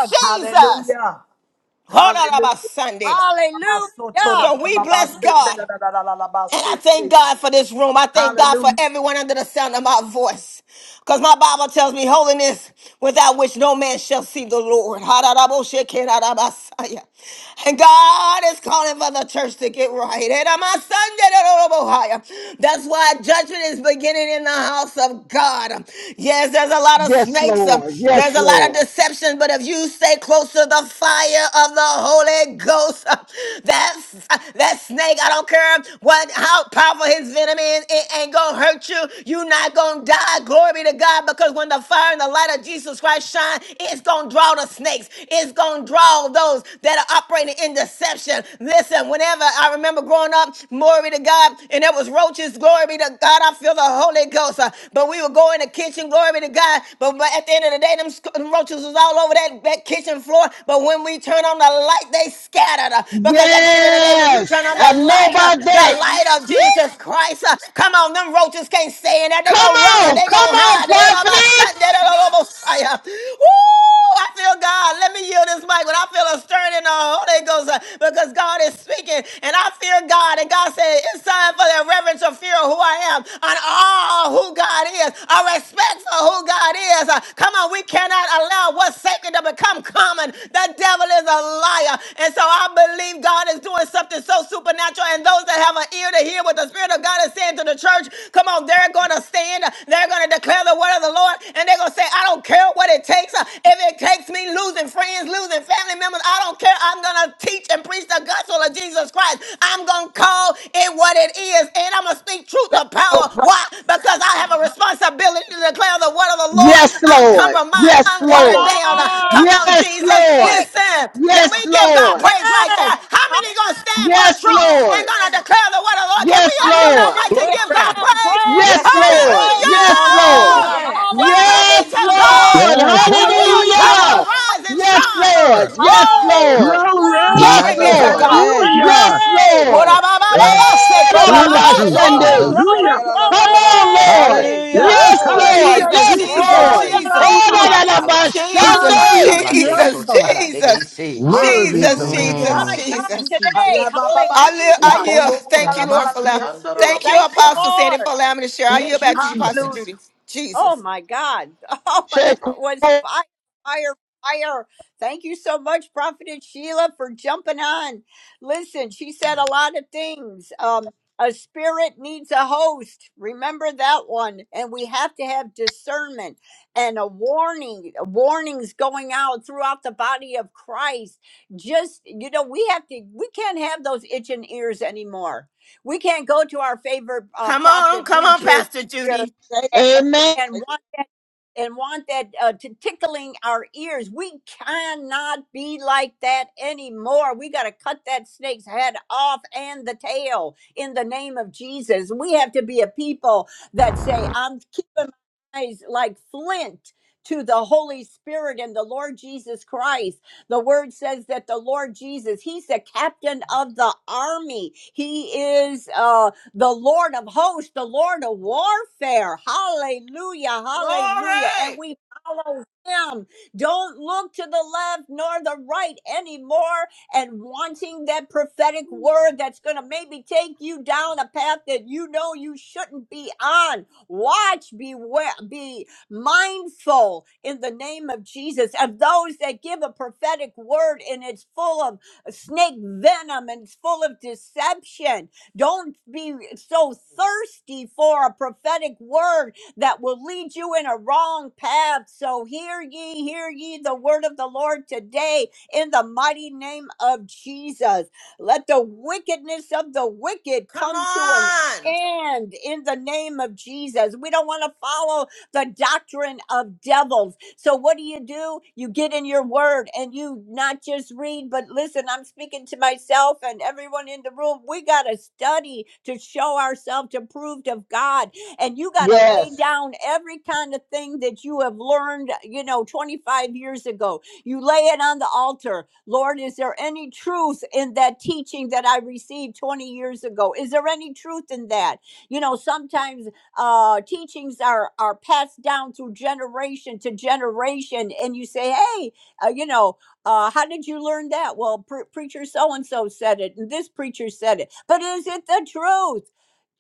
Jesus.
Hallelujah.
Hold on about
Hallelujah.
Sunday.
hallelujah
So we bless God. And I thank God for this room. I thank God for
Hallelujah.
everyone under the sound of my voice. Because my Bible tells me holiness without which no man shall see the Lord. Ha-da-da-bo-she-ke-da-da-ba-sa-ya. And God is calling for the church to get right. Eh-da-ma-san-de-da-da-da-bo-ha-ya. That's why judgment is beginning in the house of God. Yes, there's a lot of
Yes,
snakes. um,
Lord.
There's
Yes,
a lot of
Lord.
deception. But if you stay close to the fire of the Holy Holy Ghost. Uh, That's uh, that snake. I don't care what how powerful his venom is. It ain't gonna hurt you. you not gonna die. Glory be to God. Because when the fire and the light of Jesus Christ shine, it's gonna draw the snakes. It's gonna draw those that are operating in deception. Listen, whenever I remember growing up, glory be to God, and there was roaches. Glory be to God. I feel the Holy Ghost. Uh, But we would go in the kitchen. Glory be to God. But, but at the end of the day, them, roaches roaches was all over that, that kitchen floor. But when we turn on the light, they scattered. uh, Because at the end of the day, when you
Yes.
turn on the
I know
light, uh,
about
the
that.
light of
Woo.
Jesus Christ, uh, come on, them roaches can't stay in there. They
Come
gonna run.
on.
They
Come
gonna
on,
hide. They don't about shut.
prophetess.
They don't almost. Woo! I feel God. Let me yield this mic when I feel a stirring in the Holy Ghost uh, because God is speaking and I fear God. And God said, It's time for that reverence spiritual fear of who I am and all who God is, a respect for who God is. Uh, Come on, we cannot allow what's sacred to become common. The devil is a liar. And so I believe God is doing something so supernatural. And those that have an ear to hear what the Spirit of God is saying to the church, come on, they're going to stand. They're going to declare the word of the Lord. And they're going to say, I don't care what it takes. Uh, If it takes me losing friends, losing family members, I don't care. I'm going to teach and preach the gospel of Jesus Christ. I'm gonna call it what it is, and I'm gonna speak truth
Say
to
so.
power.
proud.
Why? Because I have a responsibility to declare the word of the Lord
Yes, Lord.
uncompromised,
Yes,
come
unwatered
Lord.
down.
Say
on
Come on,
Yes,
Jesus.
Lord.
it.
Listen, can we
Yes,
give God
Lord.
yes
praise right there? How many gonna stand for
Yes,
truth
hallelujah
and
Lord.
gonna declare the word of the Lord? Can
Yes,
we unmute our
Lord.
mic to
Hallelujah.
give
Come
God
Glory.
on,
praise?
praise
Yes,
Yes,
him,
Lord.
Lord.
praise him,
Yes,
Come
praise
Lord.
Hallelujah!
him.
on.
Yes.
Glory be
Yes.
Yes,
Hallelujah,
to
Hallelujah.
God.
Yes,
Lord.
Let the
hallelujah,
real church
hallelujah.
Hallelujah.
arise and
Yes,
shine.
Lord. Yes,
Hallelujah.
Woo!
Lord.
Glory!
My
Glory
Yes,
hallelujah.
be
God,
to
Lord.
Yes.
God
today.
Hallelujah!
Yes,
ko
Lord.
Yes.
Korababababase,
Eh, da,
Glory.
da,
Spirit of
ba,
truth.
kobababase.
Glory, glory,
shande.
glory,
Hallelujah!
Come on,
Hallelujah.
Lord.
glory.
Eh,
Hallelujah.
Yes,
Yes,
Woo!
Gloria.
sakalate
Lord.
hallelujah,
Jesus,
Yes,
Jesus,
Lord.
tatadidisi.
Jesus,
Eh, da,
Jesus!
Glory,
da, da, ba,
Hakalashi
Jesus,
shande.
sakalate
Jesus,
Hallelujah!
Jesus,
totadadidisi.
Worthy is
Jesus,
the Lamb.
Hallelujah.
Jesus,
my
Thank
God,
you,
Jesus.
today.
Jesus.
I live, I
Hallelujah.
yield. Thank you, Lord, for allowing. Thank you,
Thank you,
Apostle Sandy,
Lord.
for allowing me to share. I yield
Thank you,
back to you, Pastor
Hallelujah.
Jesus.
Judy.
Oh
Jesus.
my God. Oh, that was
Shake.
fire, fire, fire. Thank you so much, Prophetess Sheila, for jumping on. Listen, she said a lot of things. Um, a spirit needs a host. Remember that one. And we have to have discernment and a warning, warnings going out throughout the body of Christ. Just, you know, we have to, we can't have those itching ears anymore. We can't go to our favorite uh,
Come on,
prophet,
come on,
preacher,
Pastor
here
Judy.
Say so.
Amen.
and want that and want that uh, to tickling our ears. We cannot be like that anymore. We got to cut that snake's head off and the tail in the name of Jesus. We have to be a people that say, "I'm keeping my eyes like flint." To the Holy Spirit and the Lord Jesus Christ. The word says that the Lord Jesus, He's the captain of the army. He is uh, the Lord of hosts, the Lord of warfare. Hallelujah, hallelujah. And
Glory.
we follow him. Don't look to the left nor the right anymore and wanting that prophetic word that's going to maybe take you down a path that you know you shouldn't be on. Watch, beware, be mindful in the name of Jesus of those that give a prophetic word and it's full of snake venom and it's full of deception don't be so thirsty for a prophetic word that will lead you in a wrong path. So hear ye, hear ye the word of the Lord today in the mighty name of Jesus. Let the wickedness of the wicked
Come
come to an
on.
end in the name of Jesus. We don't want to follow the doctrine of devils. So what do you do? You get in your word and you not just read, but listen, I'm speaking to myself and everyone in the room. We got to study to show ourselves approved of God. And you got to lay
Yes.
down every kind of thing that you have learned, you know, 25 years ago. You lay it on the altar. Lord, is there any truth in that teaching that I received 20 years ago? Is there any truth in that? You know, sometimes uh, teachings are are passed down through generation to generation, and you say, "Hey, uh, you know, uh, how did you learn that?" Well, pre- preacher so and so said it, and this preacher said it. But is it the truth?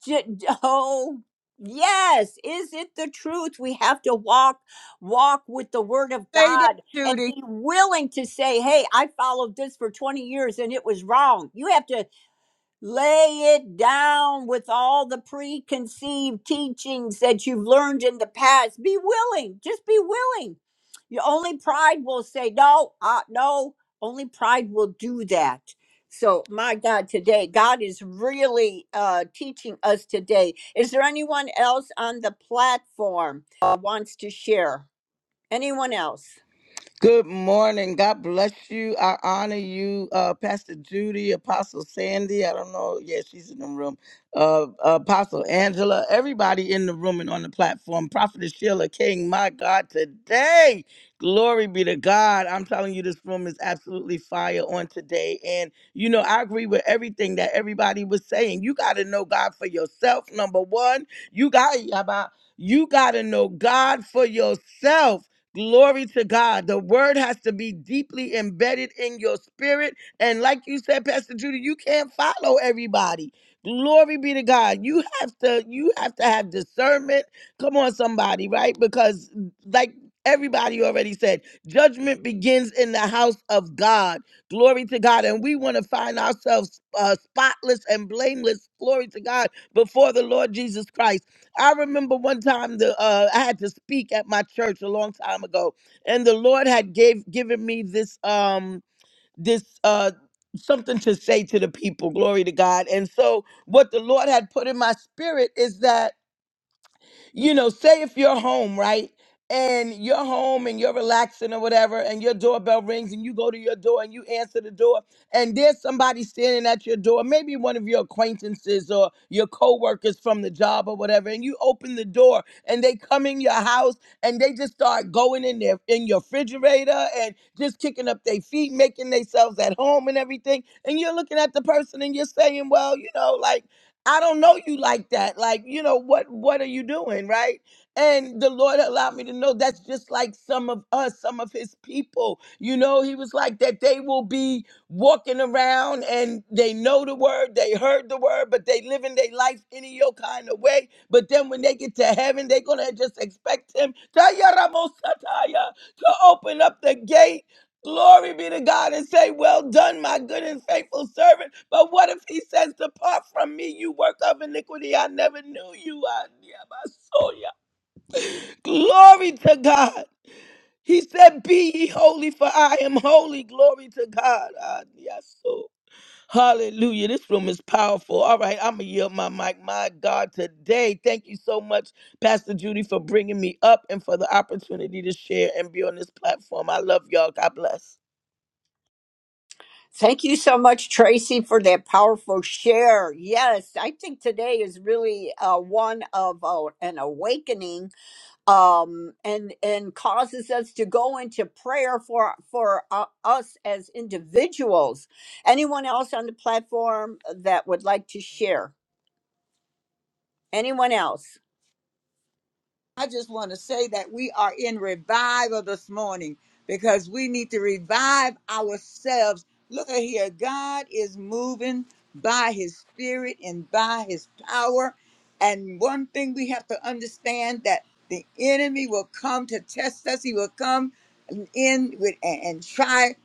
J- d- oh, yes. Is it the truth? We have to walk walk with the Word of
Say that,
God and
Judy.
be willing to say, "Hey, I followed this for 20 years, and it was wrong." You have to Lay it down with all the preconceived teachings that you've learned in the past. Be willing, just be willing. Your only pride will say, No, uh, no, only pride will do that. So, my God, today, God is really uh, teaching us today. Is there anyone else on the platform uh, wants to share? Anyone else?
Good morning. God bless you. I honor you, uh, Pastor Judy, Apostle Sandy. I don't know. Yeah, she's in the room. Uh, Apostle Angela, everybody in the room and on the platform. Prophetess Sheila King, my God, today. Glory be to God. I'm telling you, this room is absolutely fire on today. And, you know, I agree with everything that everybody was saying. You got to know God for yourself, number one. You got, you got to know God for yourself. Glory to God. The word has to be deeply embedded in your spirit. And like you said, Pastor Judy, you can't follow everybody. Glory be to God. You have to you have to have discernment. Come on somebody, right? Because like everybody already said, judgment begins in the house of God. Glory to God. And we want to find ourselves uh, spotless and blameless. Glory to God before the Lord Jesus Christ. I remember one time the uh, I had to speak at my church a long time ago, and the Lord had gave given me this um this uh something to say to the people. Glory to God. And so what the Lord had put in my spirit is that you know, say if you're home, right? And you're home and you're relaxing or whatever, and your doorbell rings and you go to your door and you answer the door, and there's somebody standing at your door, maybe one of your acquaintances or your coworkers from the job or whatever, and you open the door and they come in your house and they just start going in there in your refrigerator and just kicking up their feet, making themselves at home and everything. And you're looking at the person and you're saying, Well, you know, like I don't know you like that. Like, you know, what what are you doing, right? And the Lord allowed me to know that's just like some of us, some of his people. You know, he was like that they will be walking around and they know the word, they heard the word, but they live in their life any your kind of way. But then when they get to heaven, they're gonna just expect him to open up the gate Glory be to God and say, Well done, my good and faithful servant. But what if he says, Depart from me, you work of iniquity. I never knew you. I never saw you. Glory to God. He said, Be ye holy, for I am holy. Glory to God. I, yes, so. Hallelujah. This room is powerful. All right, I'm going to yield my mic. My God, today, thank you so much, Pastor Judy, for bringing me up and for the opportunity to share and be on this platform. I love y'all. God bless.
Thank you so much, Tracy, for that powerful share. Yes, I think today is really uh, one of uh, an awakening, um, and and causes us to go into prayer for for uh, us as individuals. Anyone else on the platform that would like to share? Anyone else?
I just want to say that we are in revival this morning because we need to revive ourselves. Look at here, God is moving by his spirit and by his power. And one thing we have to understand that the enemy will come to test us. He will come in with and, and try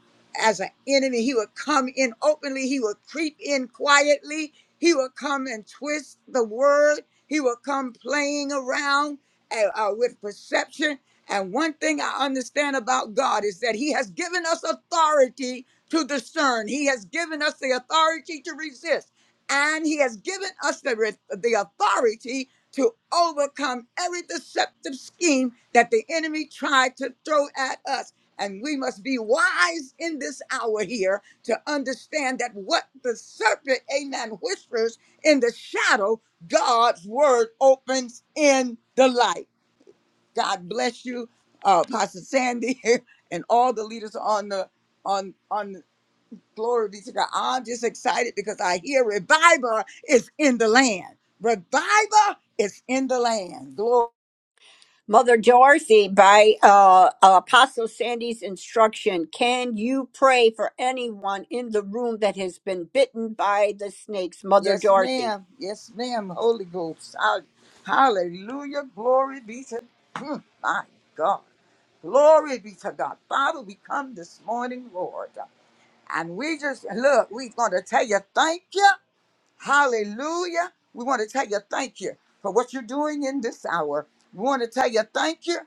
as an enemy. He will come in openly. He will creep in quietly. He will come and twist the word. He will come playing around and, uh, with perception. And one thing I understand about God is that He has given us authority to discern, He has given us the authority to resist, and He has given us the, re- the authority to overcome every deceptive scheme that the enemy tried to throw at us. And we must be wise in this hour here to understand that what the serpent, amen, whispers in the shadow God's word opens in the light. God bless you, uh, Pastor Sandy, and all the leaders on the on on the- glory be to God. I'm just excited because I hear revival is in the land. Revival is in the land. Glory.
Mother Dorothy, by uh, Apostle Sandy's instruction, can you pray for anyone in the room that has been bitten by the snakes? Mother
Yes,
Dorothy.
ma'am. Yes, ma'am. Holy Ghost. Hall- Hallelujah. Glory be to my God. Glory be to God. Father, we come this morning, Lord. And we just look, we gonna tell you thank you. Hallelujah. We want to tell you thank you for what you're doing in this hour. We want to tell you thank you.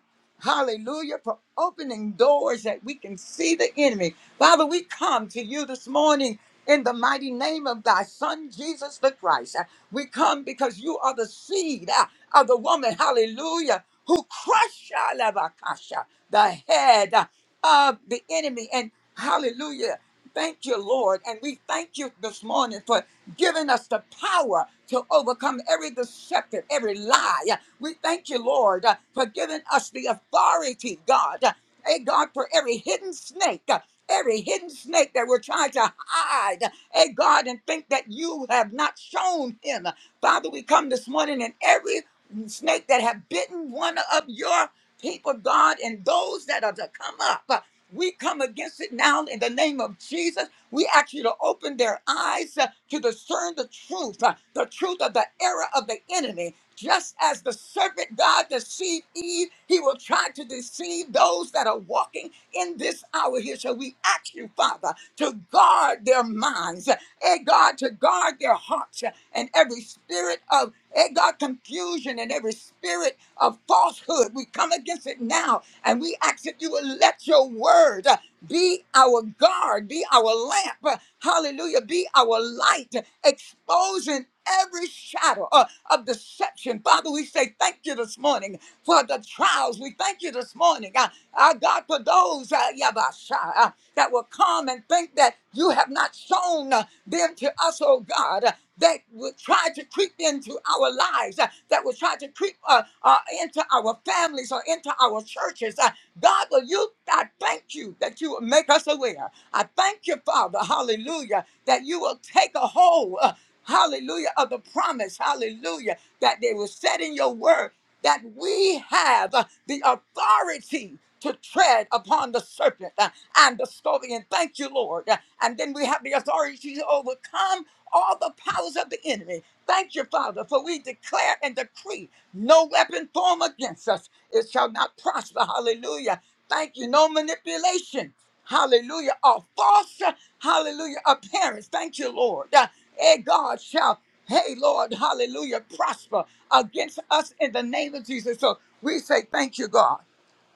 Hallelujah for opening doors that we can see the enemy. Father, we come to you this morning in the mighty name of thy son, Jesus the Christ. Uh, We come because you are the seed uh, of the woman, hallelujah, who crushed uh, Labakasha, the head uh, of the enemy. And hallelujah, thank you, Lord. And we thank you this morning for giving us the power to overcome every deceptive, every lie. We thank you, Lord, uh, for giving us the authority, God. Uh, Hey, God, for every hidden snake, uh, every hidden snake that we're trying to hide, hey, God, and think that you have not shown him. Father, we come this morning and every snake that have bitten one of your people, God, and those that are to come up, uh, we come against it now in the name of Jesus we ask you to open their eyes uh, to discern the truth, uh, the truth of the error of the enemy. Just as the serpent God deceived Eve, he will try to deceive those that are walking in this hour here. So we ask you, Father, to guard their minds, and God, to guard their hearts, uh, and every spirit of, and God, confusion and every spirit of falsehood. We come against it now, and we ask that you will let your word. uh, be our guard, be our lamp, hallelujah, be our light, exposing every shadow uh, of deception. Father, we say thank you this morning for the trials. We thank you this morning, uh, uh, God, for those uh, Yabasha, uh, that will come and think that you have not shown uh, them to us, oh God that would try to creep into our lives, uh, that would try to creep uh, uh, into our families or into our churches. Uh, God, will you? I thank you that you will make us aware. I thank you, Father, Hallelujah, that you will take a hold. uh, Hallelujah of the promise, hallelujah, that they were set in your word that we have uh, the authority to tread upon the serpent uh, and the scorpion. Thank you, Lord. Uh, And then we have the authority to overcome all the powers of the enemy. Thank you, Father, for we declare and decree no weapon formed against us. It shall not prosper. Hallelujah. Thank you. No manipulation. Hallelujah. Or false. uh, Hallelujah. Appearance. Thank you, Lord. Uh, eh, God shall, hey, Lord, hallelujah, prosper against us in the name of Jesus. So we say thank you, God.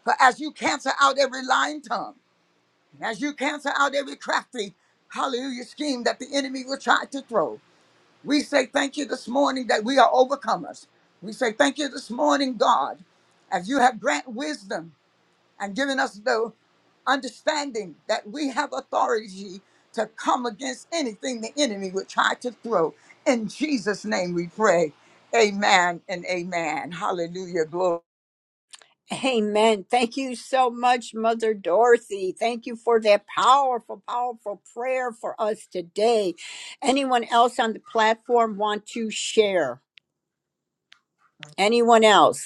For as you cancel out every lying tongue, and as you cancel out every crafty, hallelujah, scheme that the enemy will try to throw. We say thank you this morning that we are overcomers. We say thank you this morning, God, as you have granted wisdom and given us the understanding that we have authority to come against anything the enemy would try to throw. In Jesus' name we pray. Amen and amen. Hallelujah. Glory.
Amen. Thank you so much, Mother Dorothy. Thank you for that powerful, powerful prayer for us today. Anyone else on the platform want to share? Anyone else?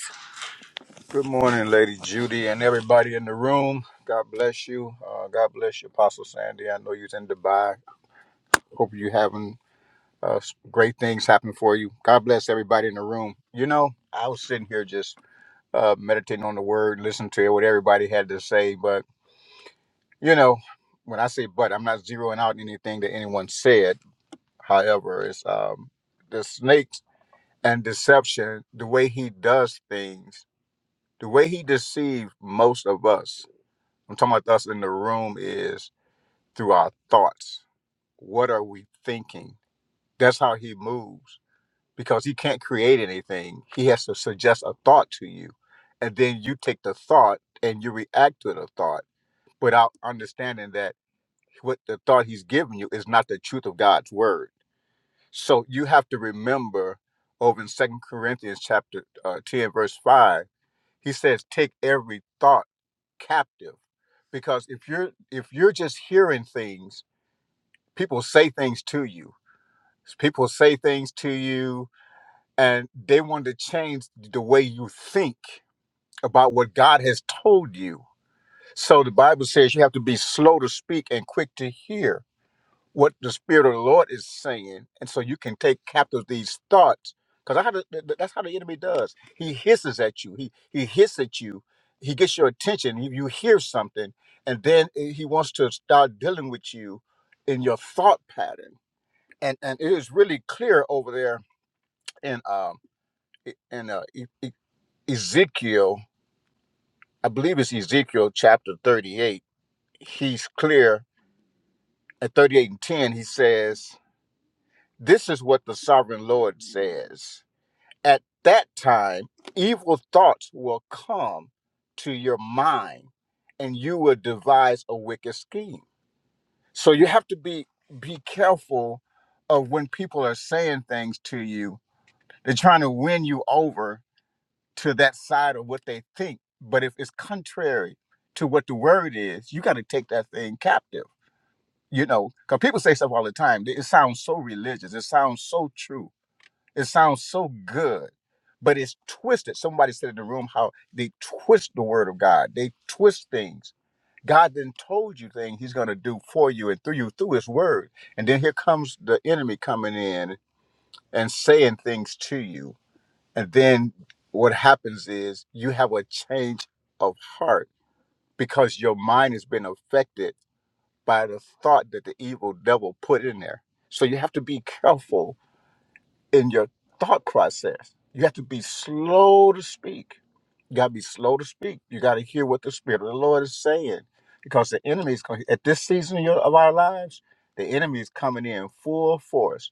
Good morning, Lady Judy, and everybody in the room. God bless you. Uh, God bless you, Apostle Sandy. I know you're in Dubai. Hope you having uh, s- great things happen for you. God bless everybody in the room. You know, I was sitting here just uh, meditating on the word, listening to what everybody had to say. But, you know, when I say but, I'm not zeroing out anything that anyone said. However, it's um, the snakes and deception, the way he does things, the way he deceived most of us I'm talking about us in the room is through our thoughts. What are we thinking? That's how he moves because he can't create anything. He has to suggest a thought to you. And then you take the thought and you react to the thought without understanding that what the thought he's giving you is not the truth of God's word. So you have to remember over in Second Corinthians chapter uh, 10, verse 5, he says, Take every thought. captive because if you're if you're just hearing things people say things to you people say things to you and they want to change the way you think about what god has told you so the bible says you have to be slow to speak and quick to hear what the spirit of the Lord is saying, and so you can take captive these thoughts. Because that's how the enemy does. He hisses at you. He he hisses at you. He gets your attention. You, you hear something, and then eh, he wants to start dealing with you in your thought pattern. And and it is really clear over there in um e- in uh, E- E- Ezekiel, I believe it's Ezekiel chapter thirty eight. He's clear at thirty eight and ten. He says. This is what the sovereign Lord says. At that time, evil thoughts will come to your mind and you will devise a wicked scheme. So you have to be be careful of when people are saying things to you. They're trying to win you over to that side of what they think. But if it's contrary to what the word is, you got to take that thing captive. You know, because people say stuff all the time. It sounds so religious. It sounds so true it sounds so good, but it's twisted. Somebody said in the room how they twist the word of God. They twist things. God then told you things He's going to do for you and through you through His word, and then here comes the enemy coming in and saying things to you, and then what happens is you have a change of heart because your mind has been affected by the thought that the evil devil put in there. So you have to be careful in your thought process. You have to be slow to speak. You got to be slow to speak. You got to hear what the Spirit of the Lord is saying because the enemy is going at this season of your- of our lives, the enemy is coming in full force.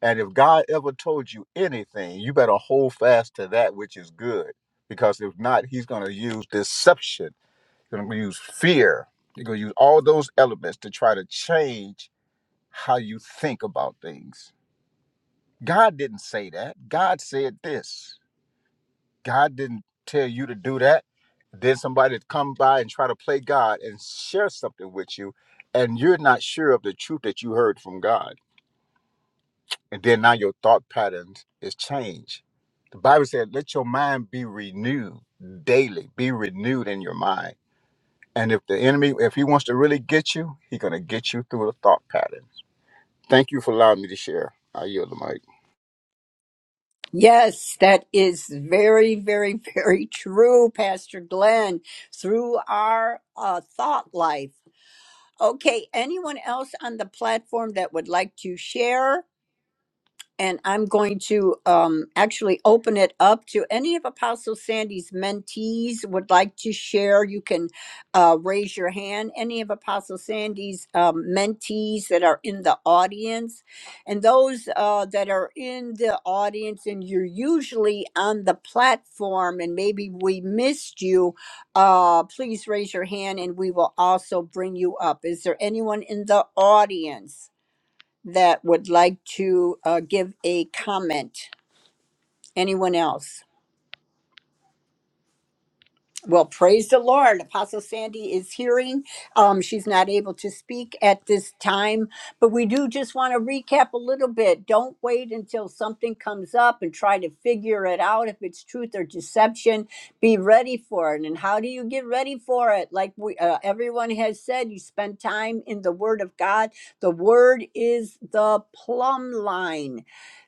And if God ever told you anything, you better hold fast to that which is good because if not, he's going to use deception, he's going to use fear, he's going to use all those elements to try to change how you think about things God didn't say that. God said this. God didn't tell you to do that. Then somebody to come by and try to play God and share something with you, and you're not sure of the truth that you heard from God. And then now your thought patterns is changed. The Bible said, let your mind be renewed daily, be renewed in your mind. And if the enemy, if he wants to really get you, he's gonna get you through the thought patterns. Thank you for allowing me to share. I yield the mic.
Yes, that is very, very, very true, Pastor Glenn, through our uh, thought life. Okay, anyone else on the platform that would like to share? and I'm going to um, actually open it up to any of Apostle Sandy's mentees would like to share. You can uh, raise your hand. Any of Apostle Sandy's um, mentees that are in the audience, and those uh, that are in the audience, and you're usually on the platform, and maybe we missed you. Uh, please raise your hand, and we will also bring you up. Is there anyone in the audience? that would like to uh, give a comment? Anyone else? Well, praise the Lord. Apostle Sandy is hearing. Um, she's not able to speak at this time, but we do just want to recap a little bit. Don't wait until something comes up and try to figure it out if it's truth or deception. Be ready for it. And how do you get ready for it? Like we, uh, everyone has said, you spend time in the Word of God. The Word is the plumb line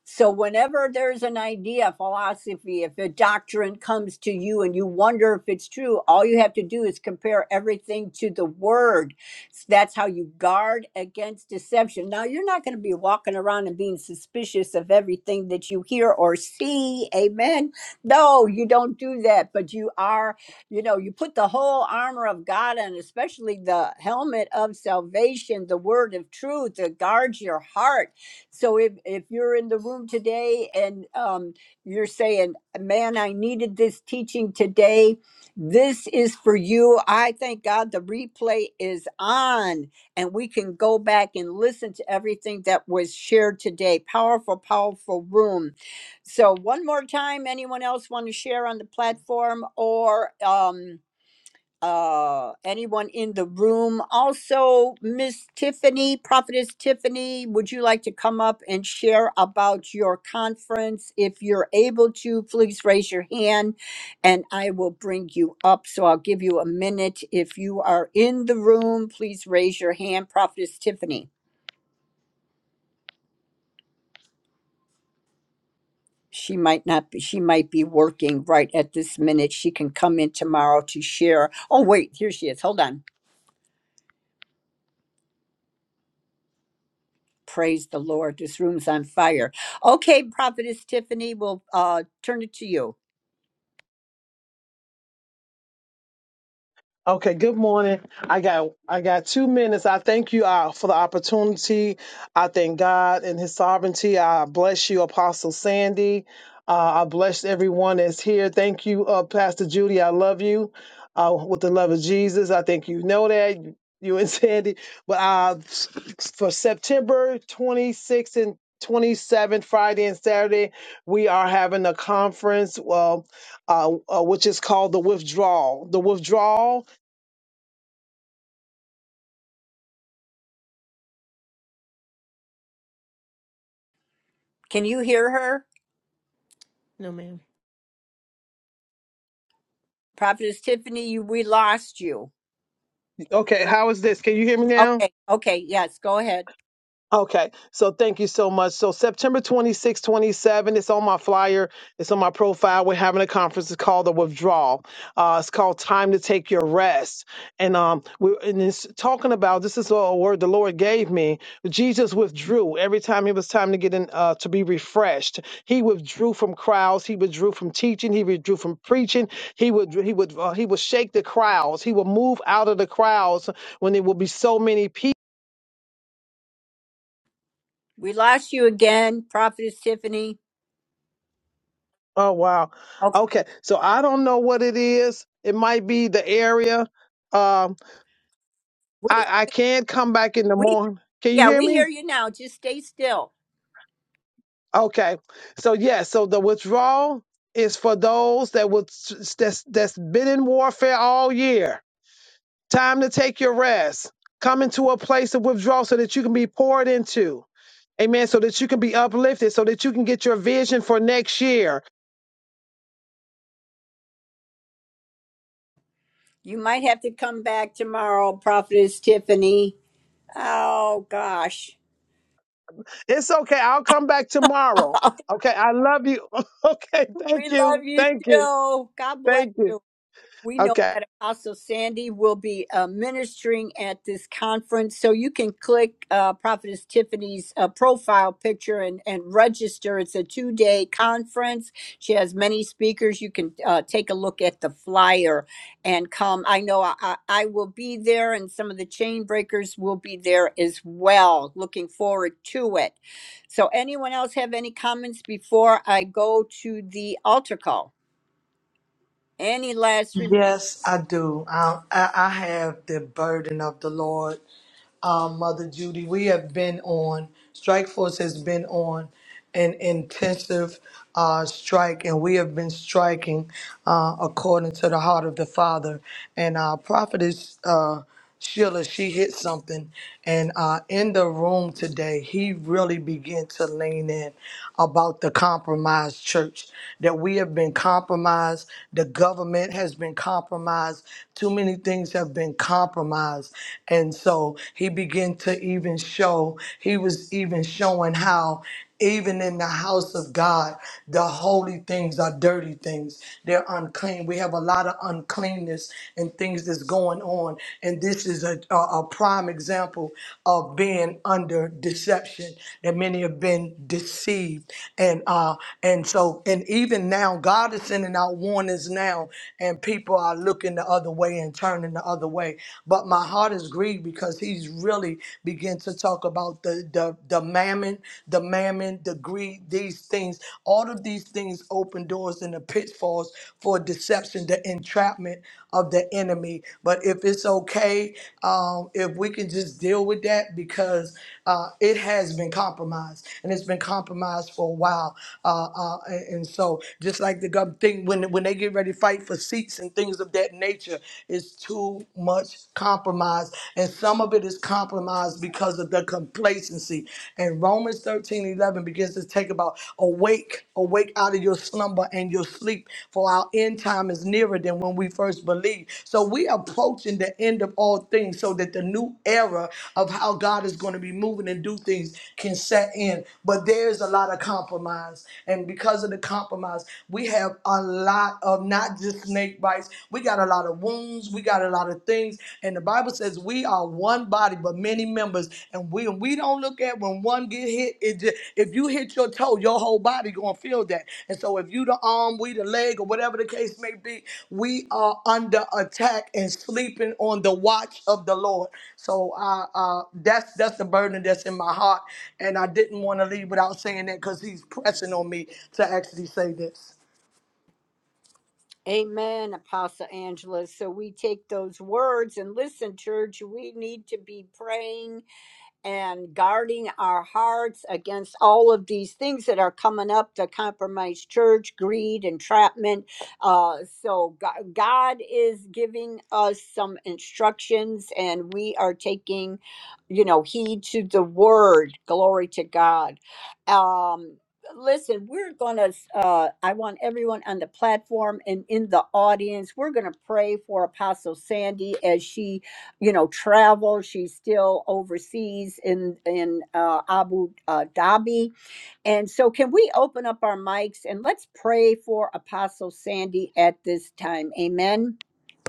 So, whenever there's an idea, philosophy, if a doctrine comes to you and you wonder if it's true, all you have to do is compare everything to the word. S- That's how you guard against deception. Now, you're not going to be walking around and being suspicious of everything that you hear or see. Amen. No, you don't do that, but you are, you know, you put the whole armor of God on, especially the helmet of salvation, the word of truth that guards your heart so if, if you're in the room today and um, you're saying, man, I needed this teaching today, this is for you. I thank God the replay is on and we can go back and listen to everything that was shared today. Powerful, powerful room. So, one more time, anyone else want to share on the platform or? Um, uh anyone in the room also miss tiffany prophetess tiffany would you like to come up and share about your conference if you're able to please raise your hand and i will bring you up so i'll give you a minute if you are in the room please raise your hand prophetess tiffany she might not be she might be working right at this minute she can come in tomorrow to share oh wait here she is hold on Praise the Lord. This room's on fire. Okay, Prophetess Tiffany, we'll uh, turn it to you.
Okay, good morning. I got I got two minutes. I thank you uh, for the opportunity. I thank God and His sovereignty. I bless you, Apostle Sandy. Uh, I bless everyone that's here. Thank you, uh, Pastor Judy. I love you uh, with the love of Jesus. I think you know that you, you and Sandy. But uh, for September 26th and 27th, Friday and Saturday, we are having a conference. Well, uh, uh, which is called the Withdrawal. The Withdrawal
Can you hear her?
No, ma'am.
Prophetess Tiffany, you, we lost you.
Okay, how is this? Can you hear me now?
Okay, okay, yes, go ahead.
Okay, so thank you so much. So September 26, 27, it's on my flyer, it's on my profile. We're having a conference. It's called The Withdrawal. Uh, it's called Time to Take Your Rest. And um, we and it's talking about this is a word the Lord gave me. Jesus withdrew every time it was time to get in uh, to be refreshed. He withdrew from crowds. He withdrew from teaching. He withdrew from preaching. He would he would uh, he would shake the crowds. He would move out of the crowds when there would be so many people
We lost you again, Prophetess Tiffany.
Oh wow.
Okay,
Okay. So I don't know what it is. It might be the area. Um I
we,
I can come back in the
we,
morning. Can you
yeah,
hear
we hear
me?
you now. Just stay still.
Okay. So yeah, so the withdrawal is for those that was that's that's been in warfare all year. Time to take your rest. Come into a place of withdrawal so that you can be poured into. Amen. So that you can be uplifted, so that you can get your vision for next year
You might have to come back tomorrow, Prophetess Tiffany. Oh, gosh.
It's okay. I'll come back tomorrow. Okay. I love you. Okay. Thank
we
you.
love you
Thank you.
too. God bless
Thank you.
you. We know
Okay.
that Apostle Sandy will be uh, ministering at this conference, so you can click uh, Prophetess Tiffany's uh, profile picture and, and register. It's a two day conference. She has many speakers. You can uh, take a look at the flyer and come. I know I, I I will be there, and some of the chain breakers will be there as well. Looking forward to it. So, anyone else have any comments before I go to the altar call? Any last
Yes, I do. I, I I have the burden of the Lord. Um, Mother Judy, we have been on, Strike Force has been on an intensive uh, strike, and we have been striking uh, according to the heart of the Father. And our prophetess. Uh, Sheila, she hit something. And uh, in the room today, he really began to lean in about the compromised church, that we have been compromised. The government has been compromised. Too many things have been compromised. And so he began to even show, he was even showing how. Even in the house of God, the holy things are dirty things. They're unclean. We have a lot of uncleanness and things that's going on. And this is a, a, a prime example of being under deception that many have been deceived. And uh and so and even now God is sending out warnings now and people are looking the other way and turning the other way. But my heart is grieved because he's really beginning to to talk about the, the, the mammon, the mammon, the greed, these things. All of these things open doors and the pitfalls for deception, the entrapment of the enemy. But if it's okay, um, if we can just deal with that because uh, it has been compromised and it's been compromised for a while. Uh, uh, and, and so just like the gov- thing when when they get ready to fight for seats and things of that nature, it's too much compromise compromised, and some of it is compromised because of the complacency. And Romans 13 11 begins to take about awake, awake out of your slumber and your sleep, for our end time is nearer than when we first believed. So we are approaching the end of all things so that the new era of how God is going to be moving and do things can set in. But there's a lot of compromise. And because of the compromise, we have a lot of not just snake bites, we got a lot of wounds. We got a lot of things. And the Bible says we are one body, but many members. And we we don't look at when one get hit. It just, if you hit your toe, your whole body gonna feel that. And so if you the arm, we the leg, or whatever the case may be, we are under attack and sleeping on the watch of the Lord. So uh, uh, that's that's the burden that's in my heart. And I didn't want to leave without saying that because He's pressing on me to actually say this.
Amen, Apostle Angela. So we take those words and listen, church, we need to be praying and guarding our hearts against all of these things that are coming up to compromise church greed entrapment uh, so god, god is giving us some instructions and we are taking you know heed to the word glory to god um, listen we're gonna uh, i want everyone on the platform and in the audience we're gonna pray for apostle sandy as she you know travel she's still overseas in in uh, abu uh, dhabi and so can we open up our mics and let's pray for apostle sandy at this time amen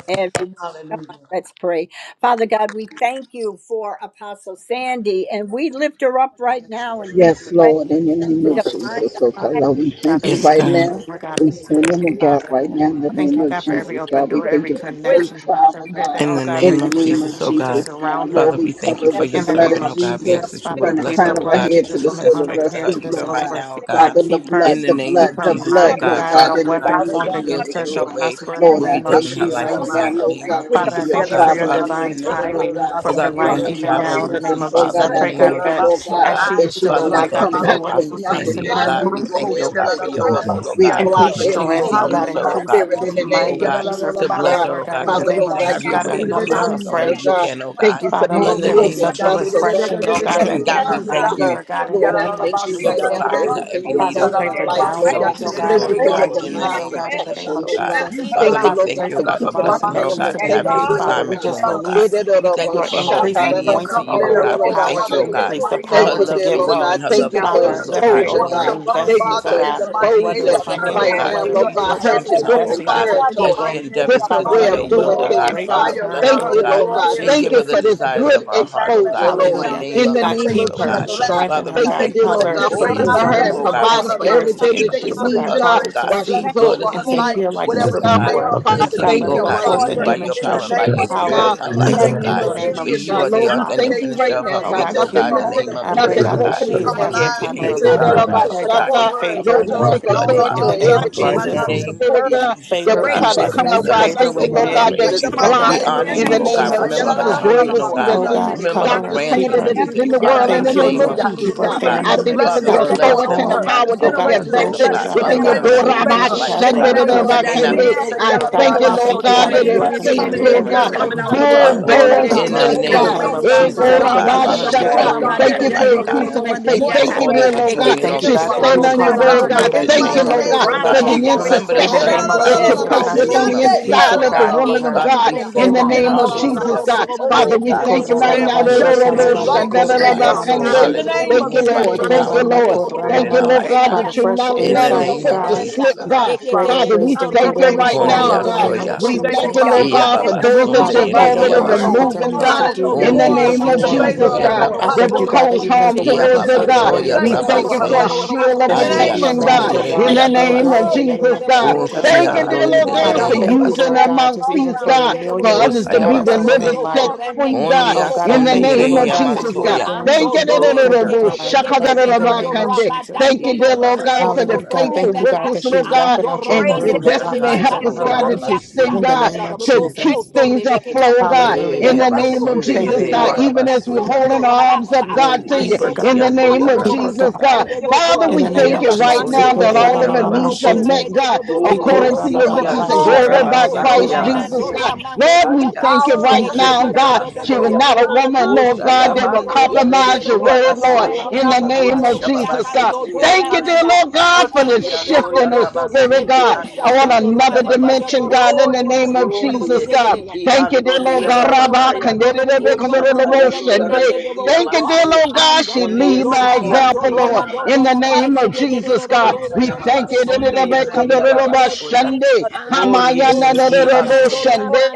everyone
Hallelujah.
come on, Let's pray. Father God, we thank you for Apostle Sandy and we lift her up right now and we
Yes,
pray
Lord, in the name of
Yes, God.
divine
Jesus. So,
Father,
God,
protection
Lord, we
God,
thank you
that you
Yes,
will
right
God.
keep us,
now.
Lord
and
God,
We stand in
protect,
the gap
Father.
right now in the
the
Thank
name
you,
of
God, for every
Jesus,
open
God. We
door,
that
thank
every
you for
with her,
safe
connection, Father.
travel,
Pray
God,
that,
In
oh
pray
the
God,
in
that
name
the
you
of
will
name
just
of
Jesus, oh
continue to
Jesus,
God.
God.
surround
Father,
Lord,
her
we
we thank
cover
you
that
for
with the
your
in the
Lord, that
blood
name
servant,
no,
of
of
oh God. We
no
Jesus
ask
Jesus.
that you
Father,
sickness,
would
we
from the
plead
bless her,
the
crown
oh
of our
blood of
God,
head
that
to
you
Jesus
the
would
from the
send
sole
crown
of
of
our
strength
her
to
head
her
to
feet,
the
even
Lord
soles of
right
God.
her
now, oh
feet.
thank
God,
God.
Father,
you,
the
keep her,
blood,
In the
the
name
keep
blood,
of
her
the
Jesus,
for
blood,
oh
mind,
her
oh
Lord
God,
God. No
God,
Father,
in
oh
the
mom,
God,
weapon
name
that
of
your
formed
will
against
Jesus,
daughter,
her
and
Lord
your
shall
Yalla
God.
our
way
prosper in the
Lord,
will
I
be
name of
done in
grandchildren,
thank
her
you
life,
right
oh
Jesus.
cover
now,
God. In the
her
Lord
name of
with
God,
the
Father,
for
I
Jesus,
your
oh
blood of
thank you for
God,
your
traveling
Father,
Jesus
divine
even that
Christ.
mercies,
you would,
Lord
timing
God,
for
oh
her
God,
Hallelujah.
in
life,
the
grant her
name
even
of
That
traveling
now,
we
in the
Jesus.
name
come
mercies,
of
as the
Lord
Jesus.
Father,
I
in
God,
the
body
I
pray,
of
name
God,
thank
of
you,
that
believers
Lord
Jesus, oh
God,
to
as
God.
lift
she
that
is
she
still
would
Father, we
awake,
not
thank
God,
you
come
that
for
you
back
will
the
with
Apostle
increase
And
nothing
the
in
Sandy,
that
oh
for
Lamb
her.
she
God. We
didn't go
thank you, oh
there
supernatural
said,
God,
with,
for
"This
your
is
strength
Lord.
life
vessel,
to
oh
be
and
We
it's
a
God.
the good
block
Increase
for
place that
Continue
every
strength,
today.
to
oh God,
use
hindering
her,
That
oh
increase
God.
spirit in the
Continue,
might,
oh
name of
God
increase her
to
Jesus,
you
power,
bless
have
God.
her,
Lord
oh
God,
God.
in the
Father,
name
Continue
Lord
of
to
God,
Jesus.
have
you're
your
God,
way in
free
her
to
anoint her
life as
use
only
her,
afresh.
you
God.
can, oh
Thank
God.
you for
Father,
this
let
In the
there be
name
yielded
of
prayed,
such a
vessel,
Jesus,
God,
God,
refreshing,
in
oh
the
God,
that
name
that
of
hit
God,
yes,
we
her
Jesus,
God,
body,
thank
God.
you
Lord
there
God,
will
in
be
the
Lord,
a,
I
name of
thank you
for
right
Jesus, oh
now for
providing
God.
her
everything
every
a
you've
Father,
need,
we
oh
done in
pray
God,
her
for
according
life,
to
Lord
your
right
God.
downloads, oh
riches and
God,
Thank you
of
glory,
for
over
new
your
God,
her
in the
and
ideas,
divine
oh
the
name
God,
of
in the
team
name
Jesus,
protection,
of
oh
Lord
God.
God.
Jesus.
name of
Father,
Thank you,
we
Father, we
Lord
thank
God,
pray
you, oh
for
for
Jesus.
the
God, for
keeping
divine
her
Father,
blessing her, oh
connections
God,
family.
to
to
be
have
Thank you,
this
made.
dear
Father,
Lord
we
assignment
we
God.
just
room, oh
thank
God.
Thank
release
you. We
you,
We thank you
your
for her
pray
increase
her
obedience to
anointing
coming
over
you,
and
oh
her,
her
the
God. We
going,
power
thank
to
you, oh
Father, in the
God,
increase, the
mighty
for
for the
her
name
power
of
to
love
dear
for
get
Lord
Jesus.
you
God.
and
wealth.
her
prayer,
Send
Thank
love
you
your
for
for
Father,
angels
souls,
we
oh
to
pray
God,
keep
in the
exposure,
over her
watch
name
God.
of
over
God,
her,
Thank
Jesus, oh
you
investments,
Father,
oh
for
God.
in
God
the mighty
that
Continue
you
name
whether
to
exposing
it's
are
of
keep
upon
her, oh
Jesus.
financial
right
or
God.
now,
Send
whether
your
Lord
Continue to
God,
what
her
she's
to
exalted
strengthen
as
her,
she
oh
host,
different
investing
God,
Father,
into
in the
as
travels
territories,
she
mighty
people.
in
name of
endeavors
the
to
different
Jesus.
Father,
do
way
let
mighty
it
your
of
name
Put
will,
doing
the
yield
oh
a
of
wall
God.
things,
great
upon
God.
Father,
Jesus.
bless
return
her,
Father, we
Thank
her,
in
oh
you,
the
the
God,
name
Lord
of
bless
glory
God.
in
you
her
and
Thank
give
you
her
today in
midst.
Jesus.
the
for this
Let there
desires
good
of
be
her
no
heart, oh
exposure,
God,
has no
in
Lord.
the
Hallelujah.
name
In
retaliation.
the
of
the
they
We
mighty
God,
name
name
shall
thank
Jesus,
you
not
of
oh
keep
for
leave
her
the
God.
the
and
of
Jesus,
shall not
God.
blessings.
strengthen
fall.
Father,
her.
we
We
Jesus.
Thank you,
God,
thank
thank
you
you
dear
for
cause
for
the
Lord
who
her
God,
The
for
Oh,
she
coming
is
giving
of
generational
in
Rabba,
the
her
you,
and
oh
discernment
blessings
God.
Santa,
We
over
of
providing
her
thank
for
you for
life.
Rabba,
spirits
who
to
everything
Santa,
We
she
that
shall
thank
she
you
is
increase.
choke.
for
Oh
Rabba,
the
to
I
needs,
God,
us,
God,
cause
oh
her to
God.
generational
while
see
she's
Thank
blessings
Lord,
over
you,
in
and
the
her
to
Lord.
name
overseas.
life.
of
hear like
And
Thank you,
Yes,
the
Whatever
Jesus,
never
oh
thing
she
Lord.
God,
of
God.
Yes,
lay
the
Father
before.
shall
her
bear
hands
Father,
God.
yes,
to do
test
Lord.
God,
Continue,
let
thank
of
her
oh
the
shall
you
go
God,
against
right
to
the
forth
now
Lord,
in
move
prosper
stone.
we
by
Thank you,
thank
your
you
in
for
the
Lord.
power
the
and
demonstration
by
name
your
and
blood
of
of
spirit
power
now
in
Cover
Jesus.
her
And
God,
Jesus
in
We
in
life,
the
the
that's
oh
thank
end,
you
the
I
in
name
God.
for
the
do
of
over
blood
not
of
name
her
know.
Jesus,
For
of
witty
Jesus,
you
God.
are
and
the
invention
Jesus,
Lord, we
God.
now
author
and
and the
Father.
thank you
and
finisher
In
right
of
creativity.
her
her
now,
the
Oh
name
We
God.
faith,
God,
team.
oh
thank
of
you
keep
Nothing
God,
for
in the
her.
Jesus,
all
missing,
name
the
have
And
of
I
But
your
people
the
pray,
that
way,
nothing
Jesus,
she
oh
God,
Lord
God.
that
is
need
God.
Oh,
broken
to
she
in the
better
is
come
on
God,
And
the
we
name
having the
night
of
camp
alive
of
your
time of
Jesus.
the
her
come
to,
angels
Protection,
Hey,
life,
that
round
to,
Father.
year,
I
about
about
to
her,
inspection,
pray,
oh
against
God,
God.
for
support
Shatta.
Keep her
her
the
and
angels,
covered
Lord,
your
lift
favor
assignment
we
under
of
We
her
your
the
have
take
up
to
and
warfare
blood,
all
enemy
leave
her
angels.
that
authority
in
Father.
would
the
arms
over
name
try
up.
everything
every
of
to
Right
In
trouble
come
My
the
to
Jesus
God,
now,
deceiving
in
know
and
the name
you.
name
of
spirit,
of
support
earth.
the
God,
Jesus,
Jesus, oh
that
the
We
favor
will
plans
God,
break
in
try to
of
Father,
every
come
we
God
up.
business,
love
destroy
I
you,
every
we
favor
thank you,
concerning
with
every
thank you,
Lord
her
work
we
of
um,
the
God,
enemy.
men.
that
in
praise
Roma
it's
the
you,
attack
Oh
In the
mighty
of
name
God,
we
of
blocked.
in
name
the
the
of
honor
In
name
the
you,
of
enemy.
Jesus,
oh
name
Jesus.
God.
of
God,
The
Jesus, oh
Remember
you
her
Jesus,
have
God.
free
great
children,
is
oh
he
course,
God.
Oh
that's
God.
in
Your
God,
Remember
work
her
bind
cover
Dr.
her, keep
up
Sandra
will
grandchildren
that
her.
be
every
is
today,
in the
free
Father,
world. In
in
the
Thank
the
plot
you,
to
name
and
name
teach
of
of
Lord.
Jesus,
Yalabasotoya.
Keep
Jesus,
her
We
oh
God,
God.
release
I
purpose
the
family.
of
thank you
demonstrated
for
Father,
blessings
the
through
God,
of
her
the
the
in
keep her
bless
Lord
enemy.
authority
them,
over
and the
oh
Jesus'
her.
Now
home.
God,
name
power
as
we
that
Oh
cut
that
only
you
God,
have
her
the
you
Generational
neck
can,
souls
oh
vested
of
grandchildren.
God.
blessings,
I
will
the
come,
pray,
Father,
within your
God,
enemy.
God,
that
remember
she
generational
daughter.
will
in the name
those
of
in
continue
Abba,
her
to
favor
Jesus.
life,
cast
oh
in
we
all
the
Thank
of
Shanda,
God,
you,
da,
her
cut
name
da,
God,
cares
of
that
ba,
may
upon
for
not
the
Kende
you.
be
a safe
head
Jesus.
today.
saved
I
yet,
return,
of the
oh
God,
thank
God.
you,
and
God,
I
Touch
Lord
thank you,
them,
Yalalabasoto.
in the
God,
God,
name
that
that
enemy.
bless
In
you
the name
it's
them,
are
of
of
Bless
save,
faith,
concerned
coming
Jesus.
with
in,
Jesus.
Lord
deliver, and
bless
God,
everything
set
Father,
But
that
them
coming
that you
out
Father
free,
would
concerns
over
get
God,
the
her
we
her.
Father.
glory
family,
out
thank
of
bulldoze
our
God,
In
you
the
Lord, for
life
faith,
over
In
her
the
the
name
God.
name
of
health,
of
wisdom
God,
Eh,
in the
my
Jesus,
that
Jesus,
I
name
oh
God.
of
thank
God.
you
rests
for
Give
her
Father,
her
Jesus.
upon
we
her
Gorabashata.
strength,
Have
thank you
your
victory.
God,
for
today.
in
Thank
the
her
way,
you for
name
cover
life,
In
our
of
God.
Jesus'
Jesus.
increasing her
family,
Thank
faith.
More
you for
Thank
mighty
you,
all
name,
dear
that you're
watch
Ramanda,
supernatural
Lord
over
we
God.
strength,
doing
them
the
and all
Thank
thank
and
you,
strength
that
you.
of
you're
She's
God,
an
protect
that
going
them,
standing
you're
ox
to
on your
God,
now,
do,
causing her
God.
God,
word,
to
Lord, for
come
that
God.
Remember
in
the
back
the
Thank
even
God,
you,
in
mighty
chain
on
the
a
Lord
name
name
God,
breakers,
of
oh
different
of
crown
for
God.
of
the
Jesus,
level
Jesus.
God.
Remember the
wisdom
in the
intercession
upon
stunning
name of
I
her
will
that
crowns,
give
head,
you
you
oh
the
Jesus.
Father
God,
And
place
in
I
glory
the
Yalalalabasiande.
to
with
just
God.
on
name
speak
the
you.
the
of
peace
Jesus,
inside
For
oh
of
of
the
the
God.
God over
woman of
assignment
her
Father,
God
we
Kodalalalabasataya.
that's
in
in
thank
the
the
you.
name
name
of
of Jesus,
Hallelujah.
out
Jesus.
God.
Yalalalabasataya.
over
Father,
in the
Well,
we
Yes,
God, we
thank
Let's
you
bless
right
Lord.
stand
your
for
now.
name. We
Father
give
God.
justice
you
and
We,
glory, oh
righteousness,
God.
God,
Yes,
Father God,
Lord.
in the
that
name
Hallelujah.
of
Thank you,
she
Move
has
by
Jesus.
Lord.
your
eyes
Thank
power
you,
to
Thank
and by
Lord.
your
see and
spirit
Thank
in
you,
ears
our
Lord
to
life,
Thank
God,
you.
hear
God.
Father,
that you're
what the
fresh
not
In
Spirit
the
of
allowing
the
insight,
name
foot
of
Lord
to
God,
is
Hallelujah.
slip,
Jesus, oh
saying
Hallelujah.
to
God.
God.
you,
her.
Father.
greater
Father, we
wisdom,
Father
We
thank
God,
greater
you
thank you
right
for it,
bless,
now,
understanding
Onde
in the
Father.
Yes,
God.
name of
Father.
asoya.
We
Lord.
We
thank you,
thank
Let
you,
the
Jesus.
Lord
Get
Father.
the
Eya
God, for
baba
glory.
And
abundance, the
we
those
lose
that
sonde
Father,
the
I
you've
yere
pray
Get
riches,
the
that
blessings
eya
already
uh,
of
whatever
the
and
she
glory.
Lord.
puts
the
baso.
her
removing,
wealth
hands
Honor.
to
God.
do,
of the
you
Hallelujah.
In
will
the
get
Onde
Lord,
the
We
name
lose
of
the
glory.
favor
esikiando
Jesus,
Lord,
of
ya
for
the
God,
Lord.
I
that
thank
will
you,
her
God,
rabasete.
Hallelujah.
that
cause
even as
We
harm
the
lose
in the name
the
Eya
word
towards
went
their
Ando
forth
God.
babando
of
generational
earlier
ya
Jesus.
We
to
blessings
thank
over
this
you
Yes,
her,
for a
rabase.
Lord.
God.
So,
morning,
Father,
shield of
In
that
the
she will
Andi
today
name
be
we
a
protection,
of
asonde
God.
master
yere
Jesus.
thank
In
God.
wise
the
eya
name
builder
of
in
Oh,
the
babaso.
name
God,
Jesus,
of
for that.
God.
Yes,
Jesus.
Thank you, dear
of
God.
Oshiando
the
inde
Lord
Lord,
Father,
God,
yere
the
I
for
eya
host
thank
of
you,
using
Lord
baso.
our
heaven
God, just
all
even
mouthpiece,
around
for
God,
her,
for
millionaire
others
Ota
to
ya
be
teeth,
status over her
babase.
delivered,
all
life.
set
around her
free, God.
Onde
Oh
luggage,
God, I
In
all
the
asonde
thank you,
yere
around
name of
Lord
eya
e-
of
God, that
Jesus,
you are
God.
life
masoya.
doing
that
Thank you,
she
something
da-
do
da-
do-
da-
will
so
reme
be
da-
Gloria,
te
bo-
te
Doya
te
divine, oh
te
shaka-
te
da-
God,
da-
in
te
da-
the
te
proud
ba-
Rabasakaya.
to
of
name of
God.
kande.
Jesus.
We
Thank
rabadando
you,
do
Iya
thank
dear
you,
Lord
Baba,
Lord,
God,
bukuko
for
for
Doya
the
Hallelujah,
soto
God.
smooth
faithful
Thank you,
Rabasete.
God,
remeka
workers,
that
great
she
Lord
is
God,
walking
ando
out your
and
grace
word
the
ramando
and
and the
do
destiny
rebea
prophecies
Ushakaya,
help
gift
over
us,
her
kando
Doya
God,
do
upon
that
life
you
ria
Rabasi.
send,
in the
sanda
God,
the
da
name of
to
rabro
Jesus. Thank you
Jesus.
keep
for
soto
things
the
remeke te
anointing
afloat,
te te
God,
te te te
in
Hallelujah.
Yea,
the
rest
bokoro
name of
bokoro
Basunde,
Thank
upon
ni
Jesus,
you,
ni de
God,
Yereya
Lord.
even
ria
as we're
Babasoya.
sando
holding our arms up,
rabarasa
God, to
Undi
the
you,
Keep her,
Ando
name.
Esiti,
in
God.
the
robo
and
I
name
coco
Doya
of
Keep
bobo.
her,
Jesus,
God.
thank
God.
Rabasataya.
Mete
you,
go go
Father,
In
Lord,
we
the
pete di
name
thank
in
of
you
the
right
mighty
Jesus.
name
sondo
Yabasonde
now that
ramane
yere
of
de
all of
de
our
de robo
needs
Jesus
go
are
de
yababaso.
met,
today.
mete
Ikorabamamamashete.
de de
God,
do robo
Thank
Kundi
according
robo
you
to
co
your
for the
pa
esiki
pa
riches and
ando
sta
blood.
glory
ta
by
to
Ikorababababashetalabane.
to
We
yarabasandi
Christ
thank you for
Jesus,
ramando
yabase.
God.
Korabababashe.
ramando
Lord, we
roba
Hali
the
ta.
thank you
asonde
power of
right
E
the
Thank you,
che
yere
now,
to
blood
God.
Lord.
of
to to
God.
to
She
bo
was
Jesus
do
ya
do
not a
upon
do do
woman,
do do
Apostle
do
Lord
Hosha
God, that
do do
will
do
yamando
do mi mi mi
compromise
do
your
yarebendi
do do
word,
do
Lord,
de
yabaso.
de
in
de
the
de de de
name
Huta
of
robo ya
Ikarababababashete.
today.
Jesus, God.
cando
yababasete
do
Thank
yandi
you,
Oh,
dear
ramanda.
yase.
Lord God,
E
for
che
the
Iki
che to
ando
shift
to
in her
to to non ne
spirit,
yarabasi
de
i
God,
de
ando
sta
de
on
ta to
yere
another
ramanda de de do
dimension,
yababasoya.
ro
God, in
ro
the
ro ro ro
name of
ro ro
Kundi
de
Jesus,
de
God.
de.
esi i
Thank you, dear
ando de
Lord
Love
God. Rabba,
yarabahaya.
kandere,
Hosha
kandere, lobo,
tayando
shende.
yarebendi
Thank you, dear
yabaso.
Lord God. She
Undi
lead by
esiki
Lord.
ando
example, Lord, in the
yarabandi
Bless
name of
yabase.
Jesus, God. We
Utaya baba
thank you.
sonde
the
yere ya
mighty
baba soya.
name of
Gloria si i andoya.
the Lord.
Sunday.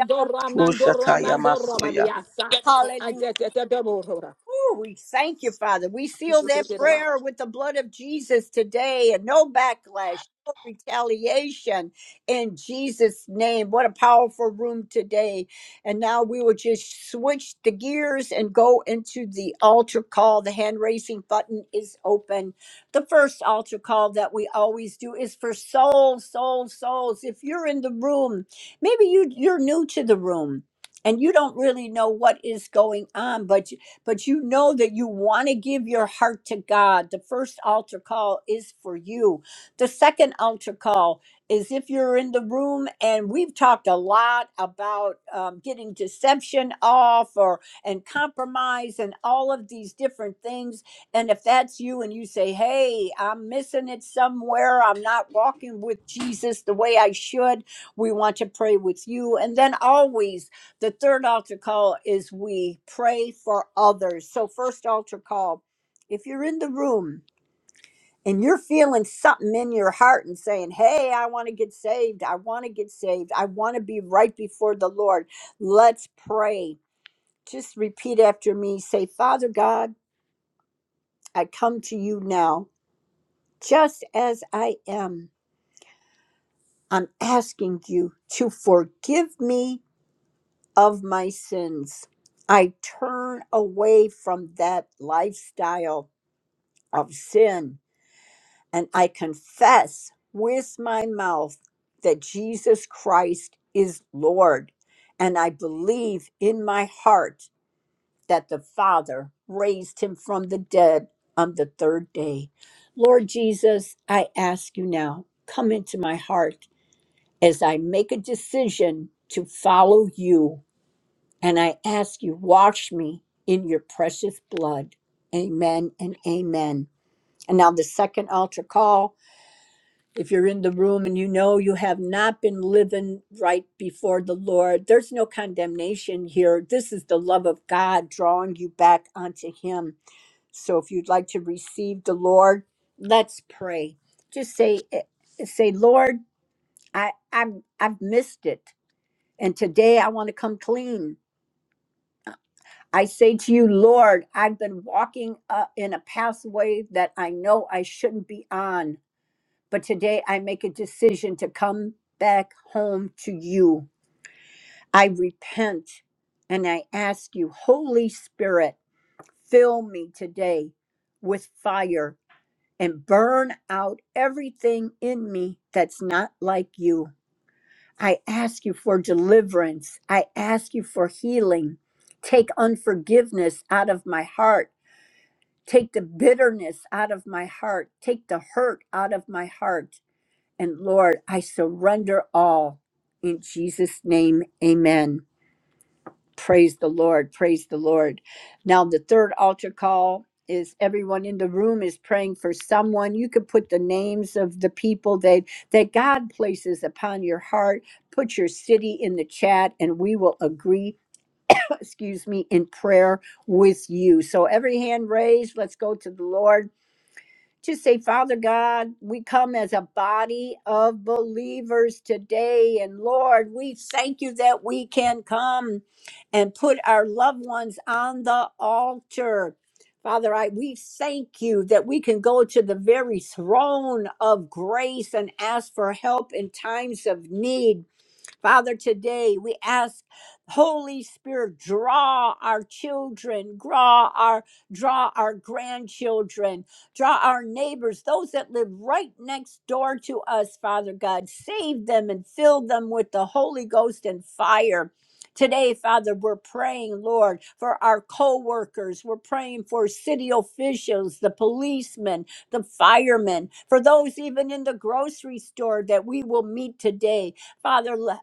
Ushataya masoya.
Hallelujah. Ooh, we thank you, Father. We seal that prayer with the blood of Jesus today and no backlash, no retaliation in Jesus' name. What a powerful room today. And now we will just switch the gears and go into the altar call. The hand raising button is open. The first altar call that we always do is for souls, souls, souls. If you're in the room, maybe you, you're new to the room and you don't really know what is going on, but but you know that you want to give your heart to God. The first altar call is for you. The second altar call is if you're in the room and we've talked a lot about um, getting deception off or and compromise and all of these different things. And if that's you and you say, hey, I'm missing it somewhere, I'm not walking with Jesus the way I should, we want to pray with you. And then always, the third altar call is we pray for others. So, first altar call, if you're in the room and you're feeling something in your heart and saying, Hey, I want to get saved. I want to get saved. I want to be right before the Lord. Let's pray. Just repeat after me. Say, Father God, I come to you now, just as I am. I'm asking you to forgive me of my sins. I turn away from that lifestyle of sin and I confess with my mouth that Jesus Christ is Lord. And I believe in my heart that the Father raised him from the dead on the third day. Lord Jesus, I ask you now, come into my heart as I make a decision to follow you and I ask you, wash me in your precious blood. Amen and amen. And now the second altar call. If you're in the room and you know you have not been living right before the Lord, there's no condemnation here. This is the love of God drawing you back onto Him. So if you'd like to receive the Lord, let's pray. Just say, eh, say, Lord, I, I'm, I've missed it, and today I want to come clean. I say to you, Lord, I've been walking uh, in a pathway that I know I shouldn't be on, but today I make a decision to come back home to you. I repent and I ask you, Holy Spirit, fill me today with fire and burn out everything in me that's not like you. I ask you for deliverance, I ask you for healing. Take unforgiveness out of my heart Take the bitterness out of my heart. Take the hurt out of my heart. And Lord, I surrender all. In Jesus' name, amen. Praise the Lord. Praise the Lord. Now, the third altar call is everyone in the room is praying for someone. You could put the names of the people that, that God places upon your heart. Put your city in the chat, and we will agree, excuse me, in prayer with you. So, every hand raised, let's go to the Lord to say, Father God, we come as a body of believers today. And Lord, we thank you that we can come and put our loved ones on the altar. Father, I we thank you that we can go to the very throne of grace and ask for help in times of need. Father, today we ask Holy Spirit, draw our children, draw our draw our grandchildren, draw our neighbors, those that live right next door to us, Father God. Save them and fill them with the Holy Ghost and fire. Today, Father, we're praying, Lord, for our co-workers. We're praying for city officials, the policemen, the firemen, for those even in the grocery store that we will meet today. Father,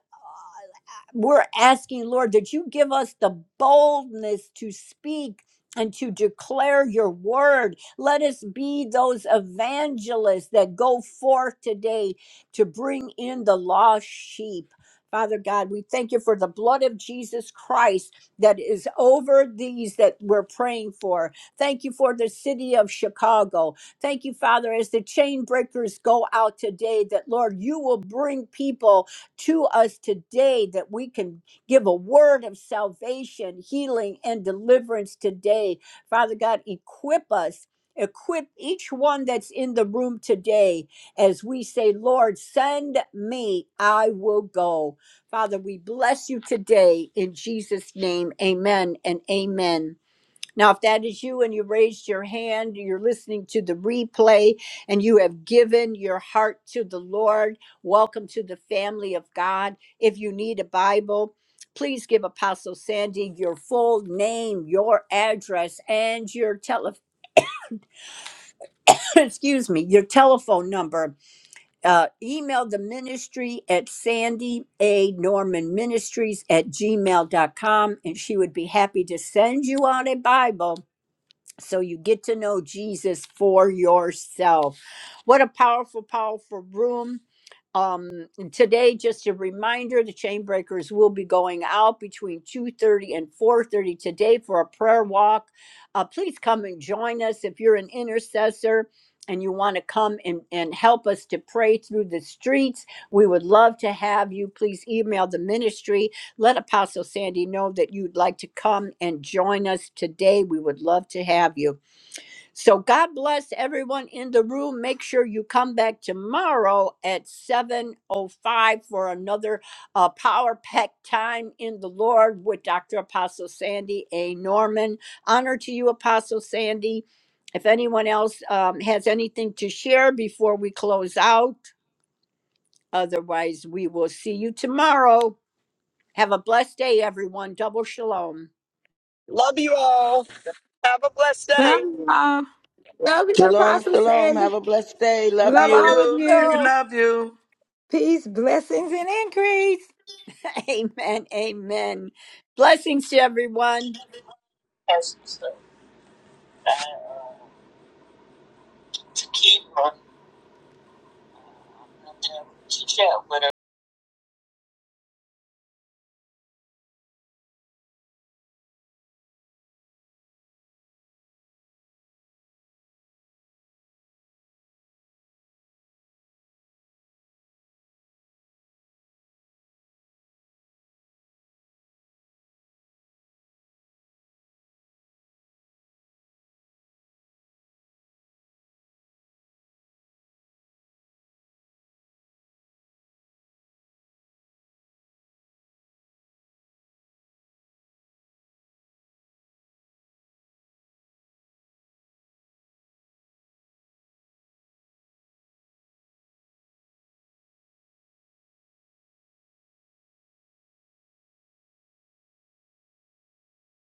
we're asking, Lord, that you give us the boldness to speak and to declare your word. Let us be those evangelists that go forth today to bring in the lost sheep. Father God, we thank you for the blood of Jesus Christ that is over these that we're praying for. Thank you for the city of Chicago. Thank you, Father, as the chain breakers go out today, that Lord, you will bring people to us today that we can give a word of salvation, healing, and deliverance today. Father God, equip us. Equip each one that's in the room today as we say, Lord, send me, I will go. Father, we bless you today in Jesus' name. Amen and amen. Now, if that is you and you raised your hand, you're listening to the replay, and you have given your heart to the Lord, welcome to the family of God. If you need a Bible, please give Apostle Sandy your full name, your address, and your telephone. excuse me, your telephone number. Uh, email the ministry at Sandy A. Norman Ministries at gmail dot com, and she would be happy to send you out a Bible So you get to know Jesus for yourself. What a powerful, powerful room. Um, today, just a reminder, the chain breakers will be going out between 2.30 and 4.30 today for a prayer walk. Uh, please come and join us if you're an intercessor and you want to come and, and help us to pray through the streets. We would love to have you. Please email the ministry. Let Apostle Sandy know that you'd like to come and join us today. We would love to have you. So God bless everyone in the room. Make sure you come back tomorrow at 7:05 for another uh, power pack time in the Lord with Dr. Apostle Sandy A. Norman. Honor to you, Apostle Sandy. If anyone else um, has anything to share before we close out, otherwise we will see you tomorrow. Have a blessed day, everyone. Double shalom.
Love you all. Have a blessed day.
y'all. Love you,
Shalom,
Apostle
shalom.
Sandy.
Have a blessed day.
We
Love
Love
love
love
you.
all of
you. Love
you.
you.
you.
Love you.
Peace, blessings, and increase.
Amen. Amen. Blessings to everyone.